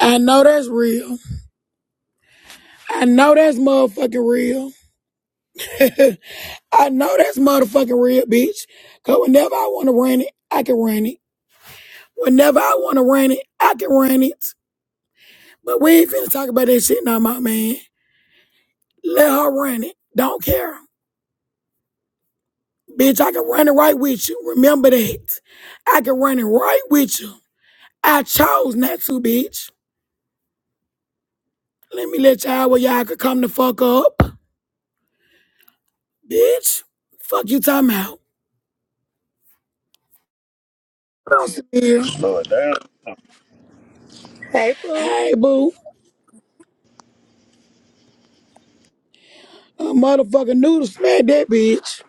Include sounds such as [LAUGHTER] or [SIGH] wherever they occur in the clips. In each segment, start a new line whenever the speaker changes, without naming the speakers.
I know that's real. I know that's motherfucking real. [LAUGHS] I know that's motherfucking real, bitch. Cause whenever I wanna run it, I can run it. Whenever I wanna run it, I can run it. But we ain't finna talk about that shit now, my man. Let her run it. Don't care. Bitch, I can run it right with you. Remember that. I can run it right with you. I chose not to, bitch. Let me let y'all where y'all could come the fuck up. Bitch, fuck you talking about. Yeah.
Slow it down. Hey, Pooh.
Hey, boo. A motherfucking noodle smacked that bitch.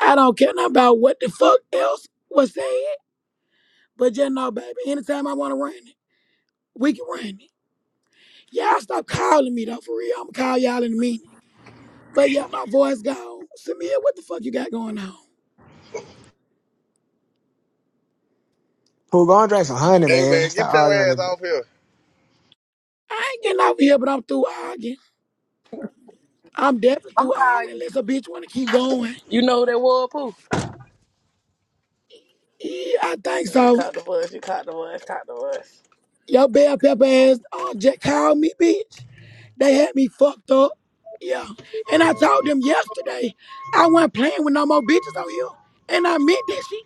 I don't care nothing about what the fuck else was said, but just know, baby, anytime I want to run it, we can run it. Y'all stop calling me though, for real. I'm gonna call y'all in a minute. But yeah, my voice gone. Samir, what the fuck you got going on?
Pooh, go and drink some honey,
Hey
man.
man, get
Stop
your
arguing on
ass
the
off here.
I ain't getting over here, but I'm through arguing. I'm definitely through
How
arguing
you?
unless a bitch wanna keep going.
You know who that was, Pooh?
Yeah, I think
You
so.
caught the bus. You caught the bus. Caught the bus.
Your bell pepper ass uh, just called me, bitch. They had me fucked up. Yeah. And I told them yesterday I wasn't playing with no more bitches on here. And I meant that shit.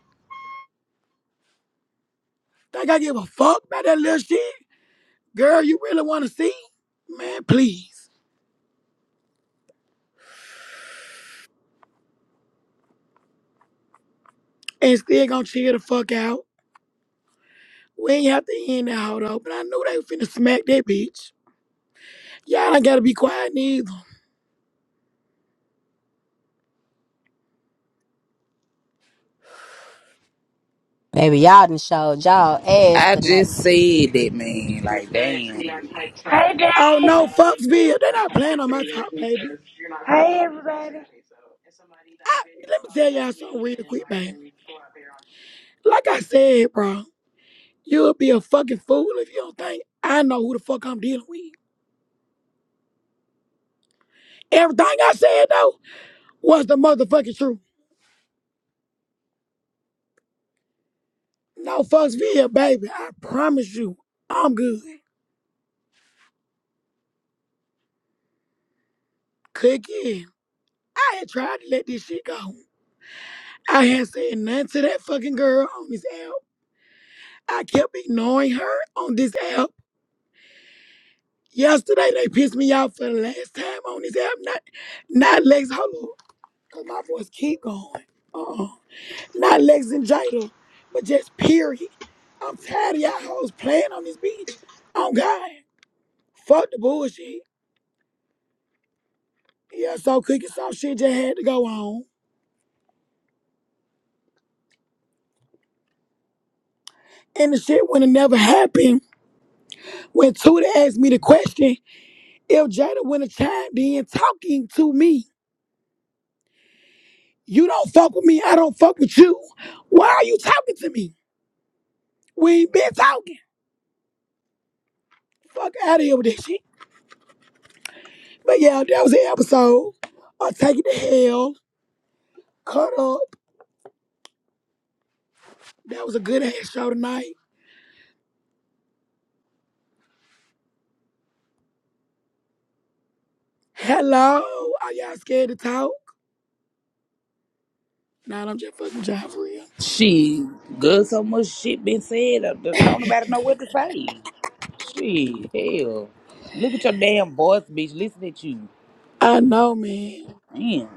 Think I give a fuck about that little shit? Girl, you really wanna see? Man, please. And still gonna chill the fuck out. We ain't have to end that hold up, but I knew they was finna smack that bitch. Y'all don't gotta be quiet neither.
Baby, y'all done showed y'all ass
I
tonight.
just said that, man. Like, damn.
Oh no, Foxville, they not playing on my top, baby. I, let me tell y'all something real quick, baby. Like I said, bro. You'll be a fucking fool if you don't think I know who the fuck I'm dealing with. Everything I said though was the motherfucking truth. No fucks via, baby. I promise you, I'm good. Click in. I had tried to let this shit go. I had said nothing to that fucking girl on this app. I kept ignoring her on this app. Yesterday they pissed me off for the last time on this app. Not, not Lex. Hold up, 'cause my voice keep going. Uh-uh. Not Lexingita, but just period. I'm tired of y'all hoes playing on this beach. On God. Fuck the bullshit. Yeah, so cooking some shit just had to go on. And the shit would have never happened when Tuda asked me the question if Jada would have chimed in talking to me. You don't fuck with me, I don't fuck with you. Why are you talking to me? We ain't been talking. Fuck out of here with that shit. But yeah, that was the episode. I take it to hell. Cut up. That was a good ass show tonight. Hello, are y'all scared to talk? Nah, I'm just fucking trying for real.
She good so much shit been said. uh, Don't don't nobody know what to say. Shit, hell. Look at your damn voice, bitch. Listen at you.
I know, man.
Damn.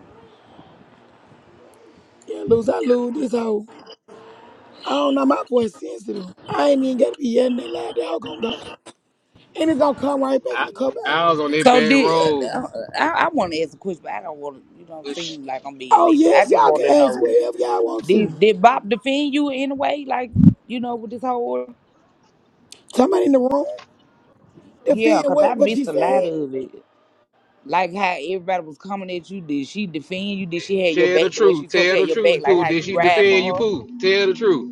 Yeah, lose, I lose this hoe. I don't know, my voice sensitive. I ain't even gotta be yelling that loud. That hoe gonna go. And it's gonna come right back in
I,
a couple
I was
hours.
on that
So
bad
did
road.
uh, uh, I, I want to ask a question, but I don't want to. You don't
But sh-
seem like I'm being
Oh,
messy. I
yes,
just
y'all
want to
can ask
know
whatever y'all want
did
to.
did Bob defend you in any way? Like you know, with this whole order?
Somebody in the room
yeah,
defend
cause I
what, what she
missed a lot
said.
of it. Like how everybody was coming at you. Did she defend you? Did she have your
Tell
back
the
the way
truth.
she supposed to
Tell
have
the
your
truth,
back? Like
Pooh.
how
Did
you
she
ride
defend you,
for her?
Pooh? Tell the truth.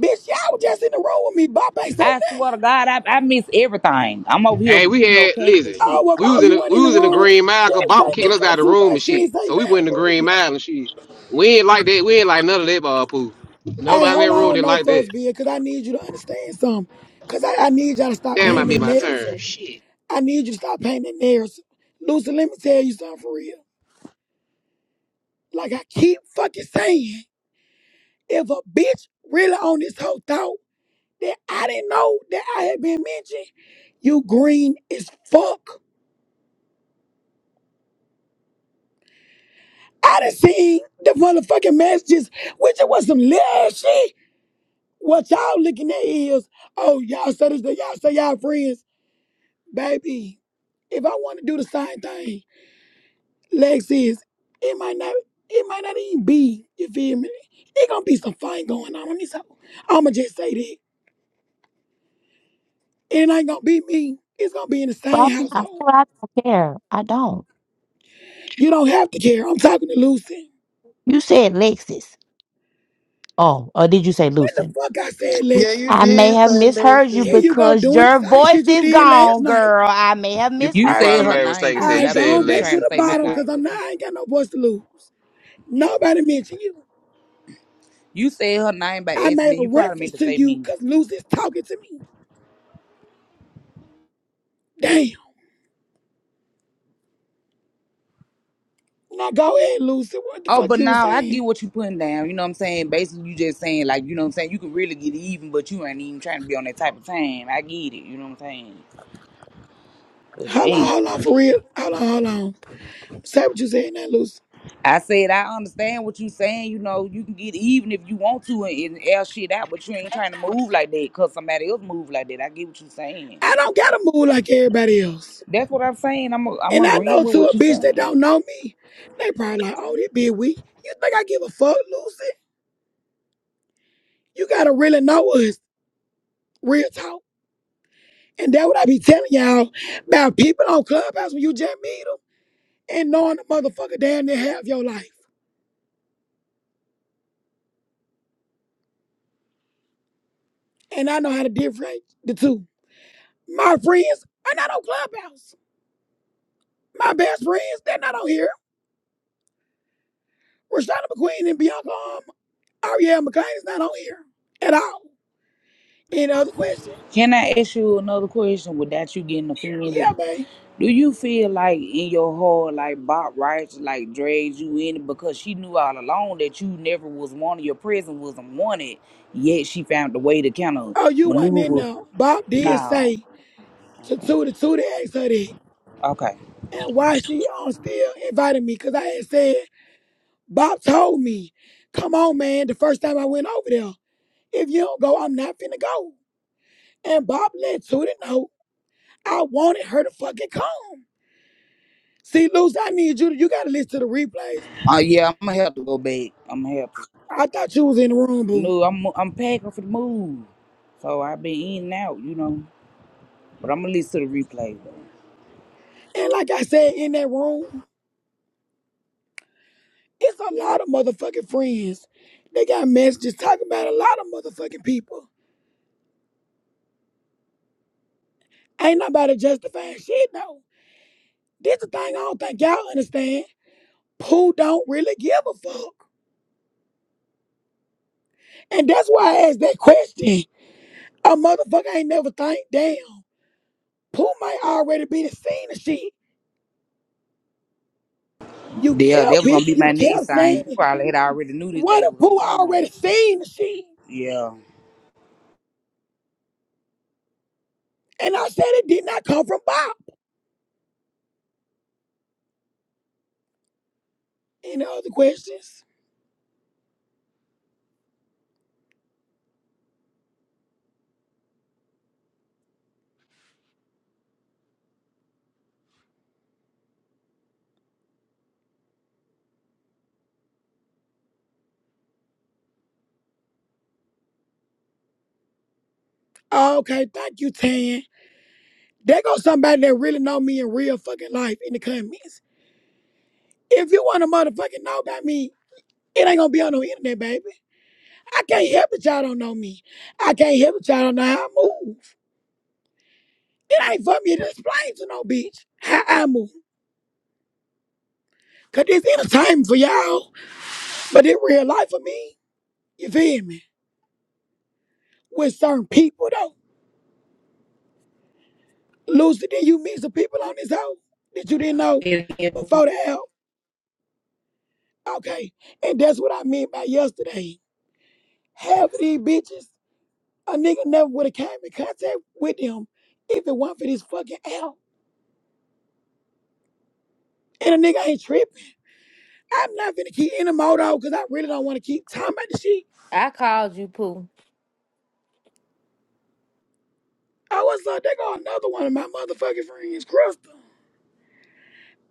Bitch, y'all was just in the room with me. Bop ain't say
I swear
nothing.
to God, I, I miss everything. I'm over here,
Hey, we
you know,
had
packing the
listen.
Oh,
shit.
well,
We
oh,
was in
you
the,
weren't in
we
the
was in the
room?
Green
She
Mile. 'cause
ain't say
Bob was kicking
nothing,
us
not
out of the
too
room
much.
and
She ain't
shit.
say
So we
nothing
went in the
for
Green
real.
Mile and shit. We ain't like that. We ain't like none of that, ball, Pooh.
Hey,
Nobody in
hold
that room
on,
didn't
no
like
fuss,
that.
beer, because I need you to understand something. Because I, I need y'all to stop
Damn, I
painting
made
that
my turn.
narrative.
Shit.
I need you to stop painting that narrative. Lucy, let me tell you something for real. Like I keep fucking saying, if a bitch really on this whole thought that I didn't know that I had been mentioned, you green as fuck. I done seen the motherfucking messages, which it was some little ass shit. What y'all looking at is, oh, y'all say this, y'all say y'all friends. Baby, if I want to do the same thing, Lex is, it might not, it might not even be, you feel me? It gonna be some fun going on in this house. I'ma just say that. It ain't gonna be me. It's gonna be in the
Well, I
same
think I
household.
swear I don't care. I don't.
You don't have to care. I'm talking to Lucy.
You said Lexus. Oh, or did you say
When the
Lucin?
fuck I said,
Yeah, you
I
Lexus?
may
did
have
say
misheard you
Lexus.
Here you go
because
doing the
your
same
voice
shit you
is
did last
gone,
night.
girl. I may have
You
You
you
misheard
said
probably
her
you.
made a mistake
name,
and
Pooh,
said
I
but
you
ain't
I believe
said
gone
you was
back to
trying
less.
to
the
say my
bottom
[LAUGHS]
because
name,
I'm
but
not,
you,
I ain't got no voice to lose.
yeah.
Nobody mentioned you.
You said her name by
I made
accident.
a
You probably
reference
meant to
to
say
you
me.
because Lucy's talking to me. Damn. Now go ahead, Lucy. What the
Oh,
fuck
but
you was
now I get
saying?
what you putting down. You know what I'm saying? Basically, you just saying, like, you know what I'm saying? You could really get even, but you ain't even trying to be on that type of time. I get it. You know what I'm saying? But
Hold on,
damn.
hold on, for real. Hold on, hold on. Say what you saying now, Lucy.
I said, I understand what you saying. You know, you can get even if you want to and, and air shit out, but you ain't trying to move like that because somebody else move like that. I get what you saying.
I don't gotta move like everybody else.
That's what I'm saying. I'm a, I'm
And I know
agreeing with
to
what
a
you're
bitch that
saying.
don't know me, they probably like, oh, this bitch weak. You think I give a fuck, Lucy? You gotta really know us. Real talk. And that what I be telling y'all about people on Clubhouse when you just meet them and knowing the motherfucker damn near half your life. And I know how to differentiate the two. My friends are not on Clubhouse. My best friends, they're not on here Rashada McQueen and Bianca um, Ariel McClain is not on here at all. Any other question?
Can I ask you another question without you getting
Yeah,
offended?
man.
Do you feel like in your heart, like Bob Rice, like dragged you in because she knew all along that you never was wanted, your presence wasn't wanted, yet she found a way to kind of
Oh, you wasn't in
maneuver?
there. Bob did
No.
say to Tootie Tootie asked her that.
Okay.
And why she um, still invited me, because I had said, Bob told me, come on, man, the first time I went over there, if you don't go, I'm not finna go. And Bob let Tootie know I wanted her to fucking come. See, Luce, I need you to, you gotta listen to the replays.
Uh, yeah, I'm gonna have to go back. I'm gonna have to.
I thought you was in the room, boo.
No, I'm I'm packing for the move, so I've been in and out, you know. But I'm gonna listen to the replay.
And like I said, in that room, It's a lot of motherfucking friends. They got messages talking about a lot of motherfucking people. Ain't nobody justifying shit though. This the thing I don't think y'all understand. Pooh don't really give a fuck. And that's why I asked that question. A motherfucker ain't never think, damn, Pooh might already be the scene of shit. You
Yeah, that
kept
was gonna
picking,
be
you
my next
kept saying
thing. You
it.
probably had already knew this
What
day
if
was gonna
Pooh already
come.
seen the shit?
Yeah.
And I said it did not come from Bob. Any other questions? Okay, thank you, Tan. There goes somebody that really know me in real fucking life in the comments. If you want to motherfucking know about me, it ain't gonna be on no internet, baby. I can't help it y'all don't know me. I can't help it y'all don't know how I move. It ain't for me to explain to no bitch how I move. Cause it's entertainment for y'all, but it real life for me. You feel me? With certain people though. Lucy, did you meet some people on this hoe that you didn't know
If- if
before the help? Okay. And that's what I meant by yesterday. Half of these bitches A nigga never would have came in contact with them if it weren't for this fucking L. And a nigga ain't tripping. I'm not finna keep any more though, because I really don't want to keep talking about the shit.
I called you Pooh.
Oh, what's up? They got another one of my motherfucking friends, Crystal.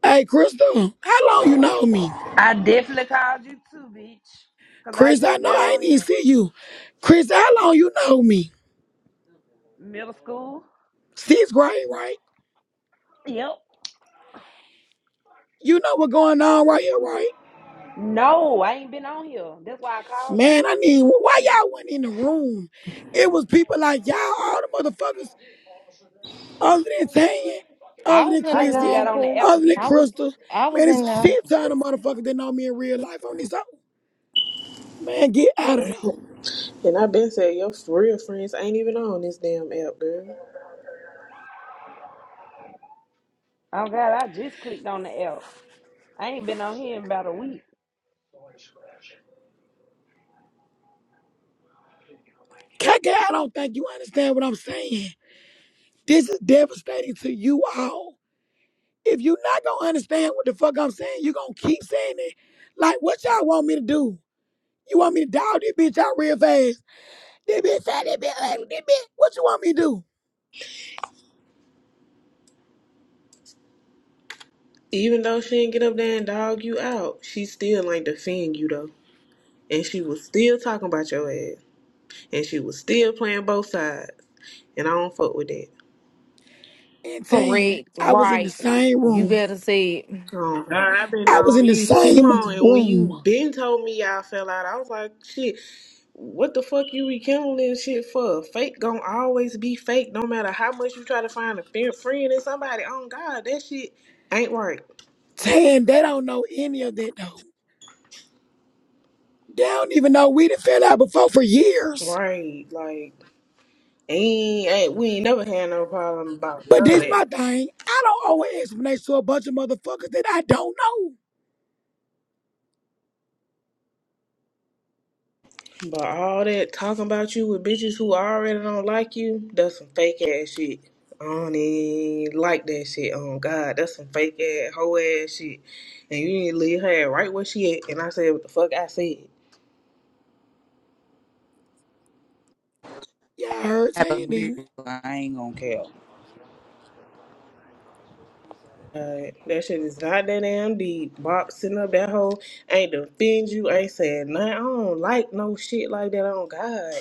Hey, Crystal, how long you know me?
I definitely called you too, bitch. Cause I
Chris, I
just
know
got
I
on
ain't even
here.
see you. Chris, how long you know me?
Middle school.
Sixth grade, right?
Yep.
You know what's going on right here, right?
No, I ain't been on here. That's why I called you.
Man, I need, why y'all wasn't in the room? It was people like y'all, all the motherfuckers other than Tanya,
I
other than
was in
I
the
just
Chrissy,
got
room,
on the
Pooh.
app,
other than
I was
period.
Crystal.
I was
Man,
in
it's a
there.
shit ton of motherfuckers that know me in real life on this. hoe. Man, get out of there.
And I been said your real friends ain't even on this damn app, girl.
Oh god, I just clicked on the app. I ain't been on here in about a week.
Kaka, I don't think you understand what I'm saying. This is devastating to you all. If you not gonna understand what the fuck I'm saying, you gonna keep saying it. Like, what y'all want me to do? You want me to dog this bitch out real fast? This bitch fat, this bitch ugly, this bitch. What you want me to do?
Even though she didn't get up there and dog you out, she still ain't defend you though. And she was still talking about your ass. And she was still playing both sides. And I don't fuck with that.
And Tan,
Correct,
I was in the
right.
same
You
room.
better say it.
Oh God, I've been
I was
on
in the
you too
same
long and when you
room
been told me y'all fell out, I was like, shit, what the fuck you rekindling shit for? Fake gonna always be fake no matter how much you try to find a fe- friend in somebody. Oh God, that shit ain't right.
Saying they don't know any of that though. They don't even know we done fell out before for years.
Right. Like Ain't, ain't we ain't never had no problem about
But
none of
this my
that.
thing. I don't owe an explanation to a bunch of motherfuckers that I don't know.
But all that talking about you with bitches who already don't like you, that's some fake ass shit. I don't even like that shit. Oh God, that's some fake ass hoe ass shit. And you need to leave her right where she at. And I said what the fuck I said.
Y'all heard
I
Tan
agree,
then.
I ain't gonna care.
Right. That shit is not that damn deep. Boxing up that hole ain't defend you, ain't saying nothing. I don't like no shit like that on God.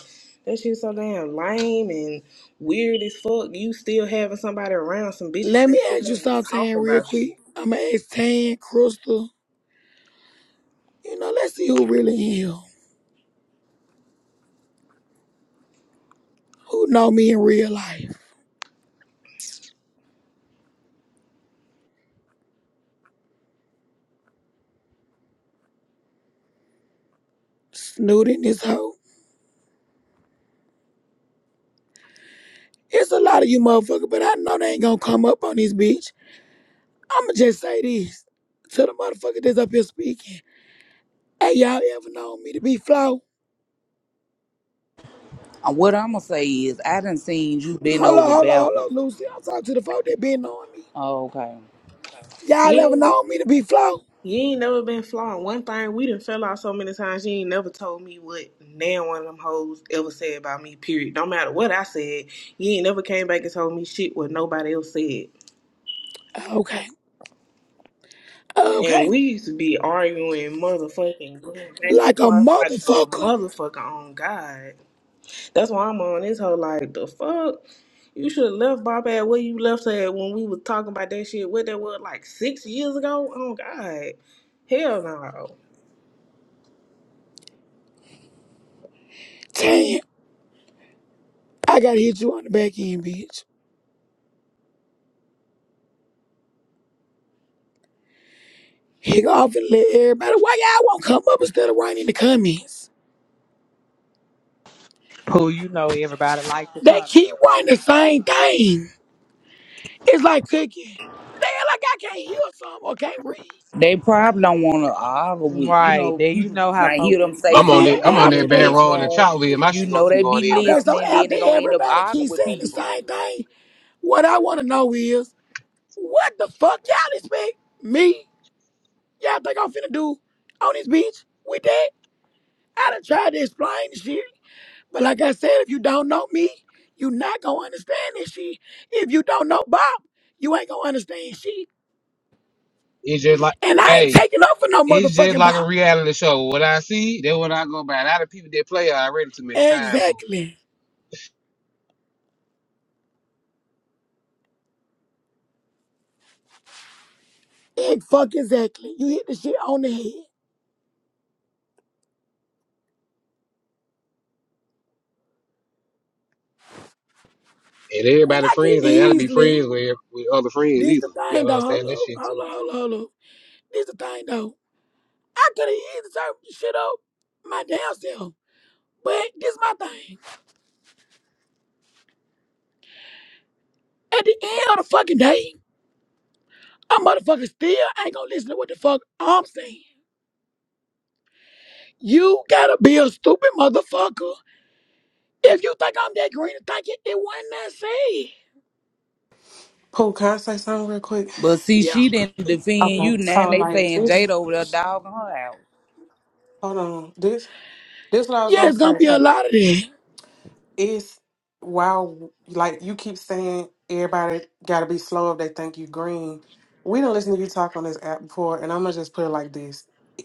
That shit so damn lame and weird as fuck. You still having somebody around some bitches
Let me
that sitting
ask you
there
something Tan,
talking
real
about you.
quick. I'ma ask Tan, Crystal. You know, let's see who really am. Who know me in real life. Snoot in this hoe. It's a lot of you motherfuckers, but I know they ain't gonna come up on this bitch. I'ma just say this to the motherfucker that's up here speaking. Hey, y'all ever known me to be flawed?
Uh, What I'm gonna say is, I done seen you been
Hold on,
over
hold on, hold
backwards.
on, Lucy. I'm talking to the folk that been knowing me.
Oh, okay.
Y'all ever
Yeah.
known me to be flow?
You ain't never been flawed. One thing we done fell out so many times, you ain't never told me what now one of them hoes ever said about me, period. No matter what I said, you ain't never came back and told me shit what nobody else said.
Okay,
And
okay.
we used to be arguing, motherfucking, going back and
Like a
forth like a
motherfucker.
motherfucker on God. That's why I'm on this whole like the fuck. You should have left Bob at where you left her at when we was talking about that shit. What that was like six years ago. Oh God, hell no.
Damn, I gotta hit you on the back end, bitch. Hit off and let everybody. Why y'all won't come up instead of writing in the comments?
Who you know everybody like to
They keep
comment.
writing the same thing. It's like cooking. They act like I can't hear something or can't read.
They probably don't want to argue with you
Right.
know
There you
people.
know how
Might hear
folks
them
is.
say
But
I'm on
then
it.
something,
I'm
then
on
in the
after
that bad
that,
next
road and
room,
chop with my
you
shit gonna
know
keep
they
on
be
in
okay,
now.
so
listening. Then
after
they gonna end up
everybody
arguing
keeps
with
saying the
people.
same thing, what I wanna know is. What the fuck y'all expect? Me? Y'all think I'm finna do on this beach with that? I done tried to explain the shit. But like I said, if you don't know me, you not gonna understand this shit. If you don't know Bob, you ain't gonna understand shit.
It's just like,
And I ain't
hey,
taking up for no
It's just
motherfucking
like
Bob.
a reality show. What I see, then what I go by. A lot of people that play already too many times, Pooh.
Exactly. Egg fuck exactly. You hit the shit on the head.
And
And
everybody
I can
friends ain't gotta be
easily
friends with, with other friends
this the
either. You
thing
gotta
though. Hold
understand that
up,
shit too.
hold up, hold up, hold up. This the thing though. I could have easily turned this shit up my damn self. But this my thing. At the end of the fucking day, I motherfucker still ain't gonna listen to what the fuck I'm saying. You gotta be a stupid motherfucker if you think I'm that green and think it, it wasn't that said.
Pooh, can I say something real quick?
But see,
Yeah.
she didn't defend
Okay.
you. Now
So
they
like
saying
this,
Jada over there dogging her out.
hold on. This, this what I was
Yeah,
gonna
it's gonna be
say.
a lot of that.
it's while like you keep saying everybody gotta be slow if they think you green we didn't listen to you talk on this app before and i'm gonna just put it like this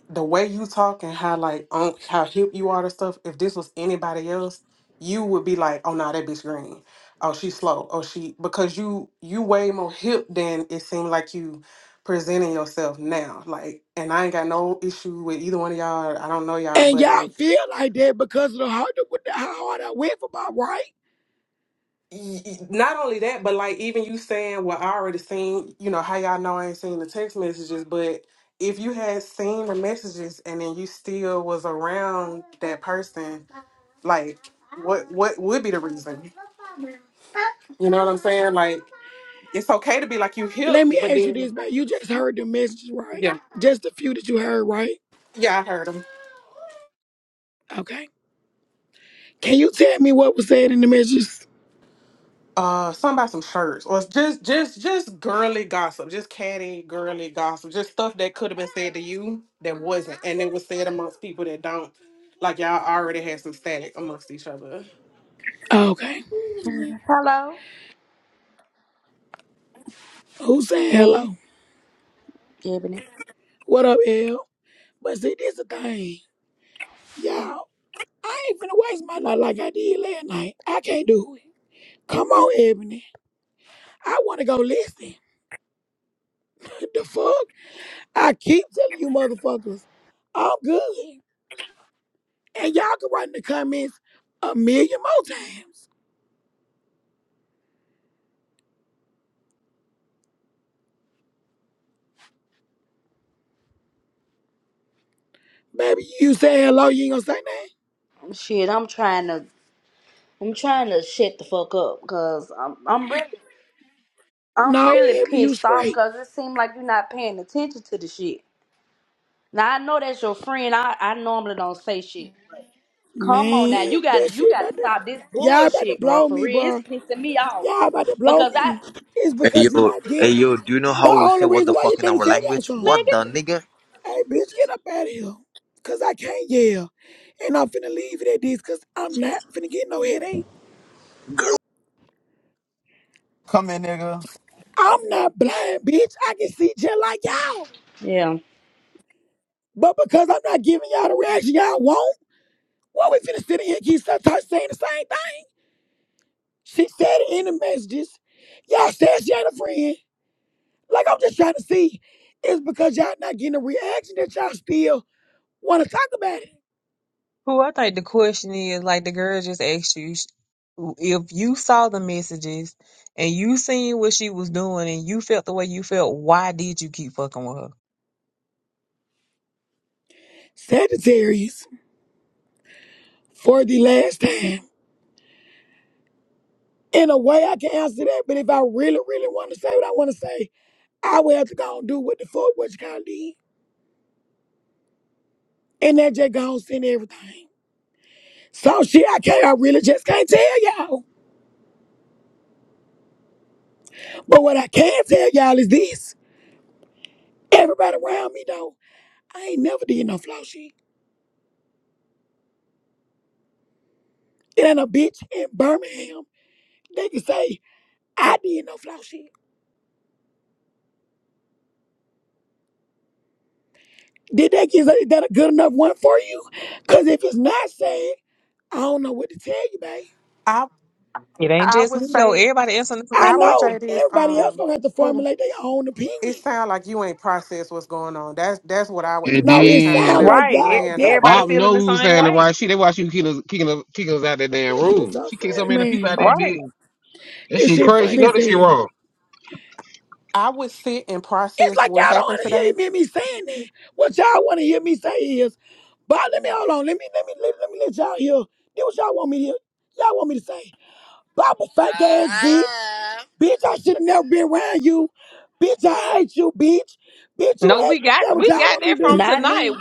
the way you talk and how like on how hip you are to stuff if this was anybody else you would be like oh nah that bitch green oh she's slow oh she because you you way more hip than it seemed like you presenting yourself now like and i ain't got no issue with either one of y'all i don't know y'all
And
but like
y'all feel like that because of the hard, with the- how hard I went for my right.
y- y- not only that, but like even you saying what I already seen, you know, how y'all know I ain't seen the text messages, but if you had seen the messages and then you still was around that person, like what what would be the reason? You know what I'm saying? Like it's okay to be like you
Let
hip,
me
but
ask you
then
this, man. You just heard the messages, right?
yeah,
Just a few that you heard, right?
yeah, I heard heard 'em.
Okay. Can you tell me what was said in the messages?
Uh, something about some shirts, or it's just just just girly gossip, just catty girly gossip, just stuff that could have been said to you that wasn't, and it was said amongst people that don't. Like y'all already had some static amongst each other.
Okay.
Hello,
Who said
me,
hello?
Ebony.
What up, L? But see, this the thing, y'all. I ain't finna waste my life like I did last night. I can't do it. Come on, Ebony. I wanna go listen. The fuck? I keep telling you motherfuckers, I'm good. And y'all can write in the comments a million more times. Baby, you say hello, you ain't gonna say nothing?
Shit, I'm trying to, I'm trying to shut the fuck up, cause I'm, I'm really, I'm
No,
really
Ebony, you
pissed off,
straight.
cause it seems like you're not paying attention to the shit. Now I know that's your friend. I, I normally don't say shit. Come on now,
Man,
you
that
got, you
shit
got
about
to
to,
stop this
y'all about to
bullshit, bro.
blow
For
me,
real, it's
bro.
pissing me off,
Y'all about to blow
because I,
me. It's
Hey
because you're
yo,
not
hey
getting,
yo, do you know
the
how we
only
say what
reason
the
why you,
fuck in
let me
our
tell y'all
language?
something.
man,
What the
get,
nigga?
Hey, bitch, get up out of here. Cause I can't yell. And I'm finna leave it at this cause I'm not finna get no headache.
Come here, nigga.
I'm not blind, bitch. I can see just like y'all.
the, yeah,
But because I'm not giving y'all the reaction y'all want, what we finna sit in here and keep sometimes saying the same thing? She said it in the messages. Y'all said she ain't a friend. Like I'm just trying to see. It's because y'all not getting the reaction that y'all still wanna talk about it.
Who I think the question is like the girl just asked you sh- if you saw the messages and you seen what she was doing and you felt the way you felt, why did you keep fucking with her?
Sagittarius, for the last time. in a way I can answer that, but if I really, really want to say what I want to say, I will have to go and do what the fuck what you kind of did. And that just gonna send everything. So shit, I can't, I really just can't tell y'all. But what I can tell y'all is this. Everybody around me though, I ain't never did no flow shit. It ain't a bitch in Birmingham. They can say, I did no flow shit. Did that get is that a good enough one for you? Cause if it's not said, I don't know what to tell you, babe.
I
It ain't
I
just
would
me though.
say
Everybody answering the
I
same
I would
know
question,
say this.
everybody else
Um,
gonna have to
who
formulate their own
it
opinion.
sounds like you ain't processed what's going on. That's that's what I would
And
just
No,
have to
it
kind of
sounds
then
land,
like
right? It,
y'all
land
definitely.
everybody
on.
Bob
feeling
know
the
we was
same
saying the
way,
right shit. That's why she was kicking us, kicking us, kicking us out that damn
This shit
room.
so
She kicked so
funny,
many people out
man.
that
right?
bitch. That
This
shit
shit
crazy. She
funny
know
as
that shit
hell.
wrong.
I would sit and
It's
process
like
what
y'all don't
happened
want to hear
today.
me me saying that. What y'all want to hear me say is, but let me hold on. Let me let me let, let me let y'all hear. This what y'all want me to hear. Y'all want me to say, Baba fake ass
Uh,
bitch,
uh,
bitch. I should have never been around you, bitch. I hate you, bitch, bitch. You
No,
hate.
we
That's
got
what
we
y'all
got
want me to
that from
do.
not
tonight.
me.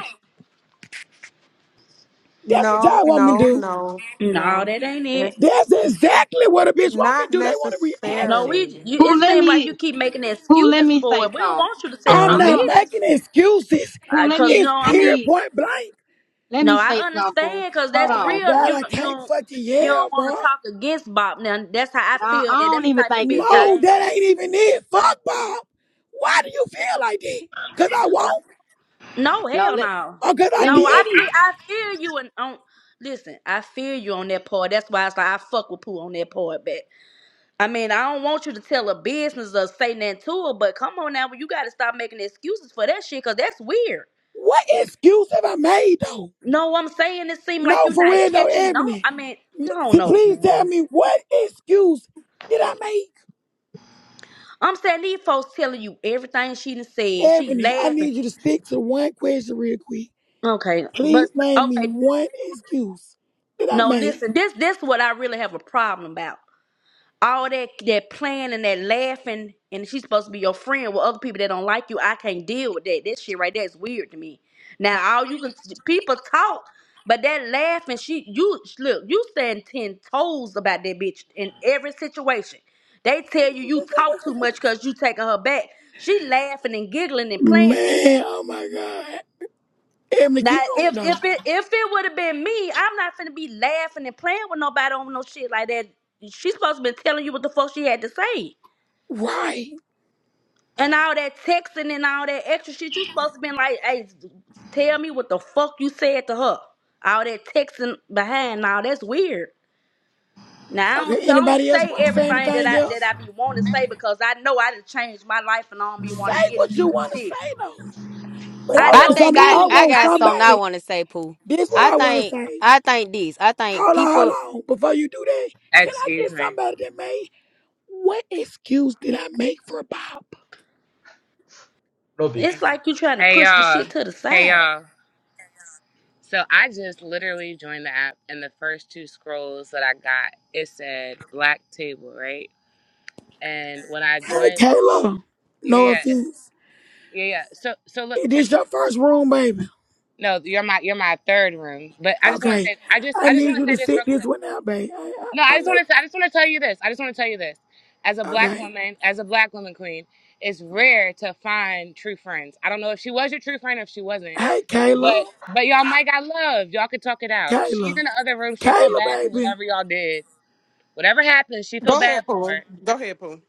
That's what
No,
y'all want me to
no,
do.
no,
No,
no.
that ain't it.
It's
That's exactly what a bitch want me to
not
do. They want a
No,
necessarily.
reaction.
we, you,
Who
it
let
seems like you
me
keep making
who let
excuses
me
for
say
it. We don't
something?
want you to sell
I
I'm
no
hmm
not
don't
business.
making excuses.
who let
Because
me
It's
no,
let
I'm,
period
me
point blank.
let
no,
me
I
say something. Pooh.
understand. Because
Hold
that's
Oh my
on.
real.
God,
You
I
know, you
can't
don't,
fucking
you
yell,
don't want
bro.
to talk against Bob. Now that's how I
Nah,
feel.
I
That that's
don't
the
even
type of
think it's
bitch
that.
I
No,
am.
that ain't even it. Fuck Bob. Why do you feel like that? Cause I won't
No,
No,
hell
let
no.
or cause I
let me
No,
didn't?
say
I
this.
feel I feel you and on. Listen, I feel you on that part. That's why it's like I fuck with poo on that part. But I mean, I don't want you to tell a business or say nothing to her. But come on now, you got to stop making excuses for that shit because that's weird.
What excuse have I made though?
No, I'm saying it seemed like
No,
you're
for
not
real, no,
catching. No,
Ebony.
I mean, I
M-
don't
see,
know,
Please tell
man.
me what excuse did I make?
I'm saying these folks telling you everything she done said. She
Ebony, I
laughing.
need you to stick to one question real quick.
Okay, but
Please name me
okay.
one excuse that I
No, listen.
made.
This this what I really have a problem about. All that that playing and that laughing, and she's supposed to be your friend with other people that don't like you. I can't deal with that. That shit right there is weird to me. Now all you can people talk, but that laughing, she you look you stand ten toes about that bitch in every situation. They tell you you talk too much because you taking her back. She laughing and giggling and playing.
Man, oh my God. Emily,
Now,
keep going
if
though.
if it if it would have been me, I'm not finna be laughing and playing with nobody over no shit like that. She's supposed to been telling you what the fuck she had to say.
Right.
And all that texting and all that extra shit, you supposed to been like, hey, tell me what the fuck you said to her. All that texting behind now, that's weird. Now I
Okay,
don't, I don't
anybody else
say
want to say
everything that
anything
I that I
else?
be wanting to say because I know I done changed my life and I don't be
Say
wanting to get
what
into
you
some
want to say
shit.
though. But
I
I
I
want
know
think
somebody,
I,
I
me.
I
want
I
got
be
something I
somebody.
want to say, Pooh.
This what
I
I want to
think
say.
I think this. I think
Hold on,
people.
hold on. Before you do that, can I
Excuse
get
me.
somebody that made what excuse did I make for Bob?
no
it's
beef.
like you trying to
Hey
push the
y'all.
shit to the
Hey
side.
y'all. So I just literally joined the app and the first two scrolls that I got, it said black table, right? And when I
Hey,
joined
Taylor,
Yeah,
no
yeah.
offense.
Yeah, yeah. So so look,
Is
check
this
it.
your first room, baby?
No, you're my you're my third room. But I just wanna
Okay.
say I just
I
I just
need
wanna
you
say
to
this
sit
real
this
quick.
one out, babe. I,
No,
I,
I
I'm
just
not.
want to. I just want to tell you this. I just want to tell you this. As a black
Okay.
woman, as a black woman queen, it's rare to find true friends. I don't know if she was your true friend or if she wasn't,
Hey, Kayla.
but but y'all might got love. Y'all could talk it out. She's
Kayla.
in the other room. She feel
Kayla,
bad for
baby.
whatever y'all did. Whatever happened, she feel
Go
bad
ahead,
for
Pooh.
it.
Go ahead, Pooh.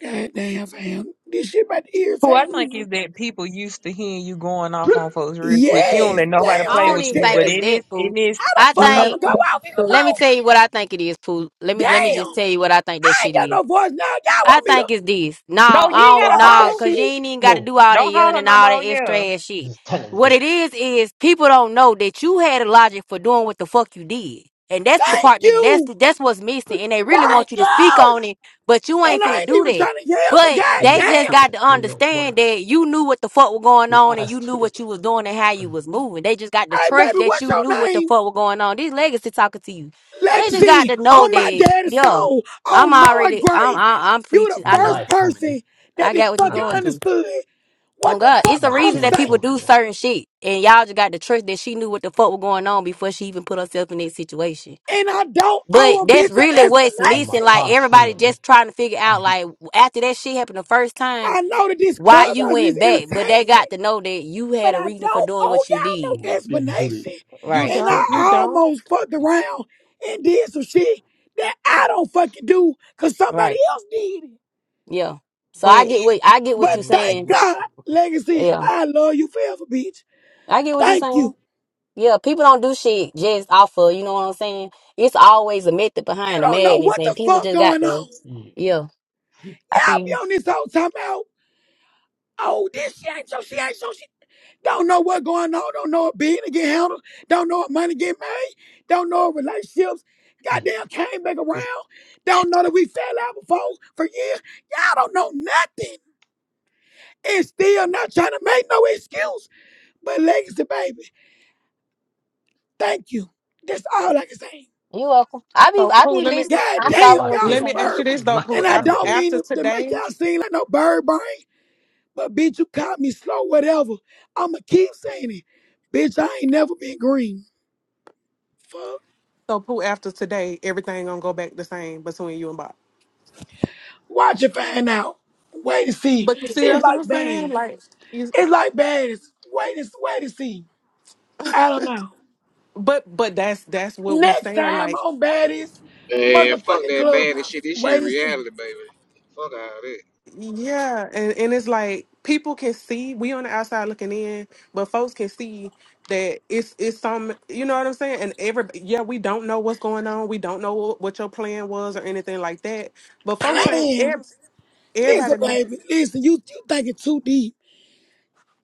God damn, fam. This shit about to
Who I
irritate
think
me.
is that people used to hearing you going off on folks real quick. You don't
Yes.
let nobody
Damn,
I
play
don't
with
even
you,
think
but
Sagittarius.
it's
it is
that, Pooh.
it is
How the
I
fuck I'm
Man,
gonna
think.
go
I'm weak
off
as
even
fuck.
Let me
more?
tell you what I think it is, Pooh. Let me let me just
Damn.
tell you what I think that
I ain't
shit
got
is.
no voice now. Y'all
I
want me to,
think it's this. No,
no.
to
You
I
ain't
don't
gotta
fuck
know,
that
holler.
cause you
shit?
ain't even gotta
No,
do all that
Don't
yelling
holler
and
no
all that
more.
extra
yeah.
ass
this
shit.
is talent,
What
nigga.
it is is people don't know that you had a logic for doing what the fuck you did. And that's the
Thank
part that that's
you.
that's what's
Brr,
missing. And they
ooh,
really
Thank
want you to
ee.
speak
you.
on it, but you
And
ain't
I
finna
ain't
do
even
that.
trying to yell, but
But
goddamn.
This
they
is
just got to
nigga wanna
understand that you knew what the fuck was going
you
on and
ass
you knew
twig
what you was doing and how you
on
was moving. They just got to
Hey,
trust
baby,
that
what's
you
your
knew what the
name?
fuck was going on. These legacy talking to you. They just got
Legacy
to know
on my
that,
daddy's
yeah.
soul,
I'm
on Noah
already I'm
grave.
I, I'm
You the
preaching.
on my
I know.
first
life, homie, nigga.
person that
I
did
got what you
fucking
Not
going
beef.
through.
understood what
Oh
the
God,
fuck
it's
On
the
my
I'm
reason that
chains,
people
saying.
homie,
do
nigga.
certain shit, and y'all just got the trust that she knew what the fuck was going on before she even put herself in that situation.
And I don't
But
owe a
that's
bitch an
really what's
On my
missing.
explanation.
Like
cars,
everybody
homie, nigga.
just trying to figure
I
out,
beef.
like after that shit happened the first time,
I know that this
why you
clubhouse is
went back. But they got
entertainment,
to know that you
but
had a
I
reason for
don't
doing
owe
what you
y'all
On
did.
my
no
big booty
explanation.
You
Right.
ass,
And I
homie,
don't, you
nigga.
don't.
almost
I
fucked
beef.
around and did some shit that I don't fucking do because somebody
Right.
else did it.
Yeah. So I
But
get what I get what
But
you're
Uh, here's some
thank
saying.
beef.
God,
Okay.
Legacy,
Yeah.
I love you forever, bitch.
I get what you're
Thank
saying.
you.
Yeah, people don't do shit just off of, you know what I'm saying? It's always a method
You
behind the
don't know
madness,
what
and
the
people
fuck
just got
going
to,
on.
You,
yeah. I
you
Y'all be
think
on this whole time out. Oh, this she ain't so she ain't so she don't know what going on. Don't know if being to get handled. Don't know if money get made. Don't know if relationships.
beef.
Goddamn came back
This
around. Don't know that we fell out before for years. Y'all don't know nothing. And still not trying to make no excuse. But legacy, baby. Thank you. That's all I can say.
you welcome. I be,
so
I
Pooh,
be
let me
listening.
God
I'm
little
damn,
following
back
what
y'all
you're
let
here.
some
me
saying.
ask
bird.
you
br-
this
You're
though,
lucky
Pooh.
And I
that I'm
After
don't
here.
mean
after
to to make
today,
y'all seem like no bird brain. But bitch, you caught me slow, whatever. I'ma keep saying it. Bitch, I ain't never been green. Fuck.
so Pooh, after today, everything gonna go back the same between you and Bob.
Watch it find out. Wait to see.
But you see,
It's
that's what
like
I'm saying.
baddies.
Like, you,
It's like baddies. Wait and wait to see. I don't know.
but but that's that's what we
Next
saying.
time
Like
on baddies,
Man, fuck
motherfucking
that bad and
clubhouse.
shit. This shit
Wait and see.
reality, baby. Fuck all that.
Yeah, and, and it's like people can see we on the outside looking in, but folks can see that it's it's some you know what I'm saying. And every yeah, we don't know what's going on. We don't know what, what your plan was or anything like that. But folks ain't
Plan.
ev- everybody.
Listen,
kn-
baby. Listen, you you thinking too deep.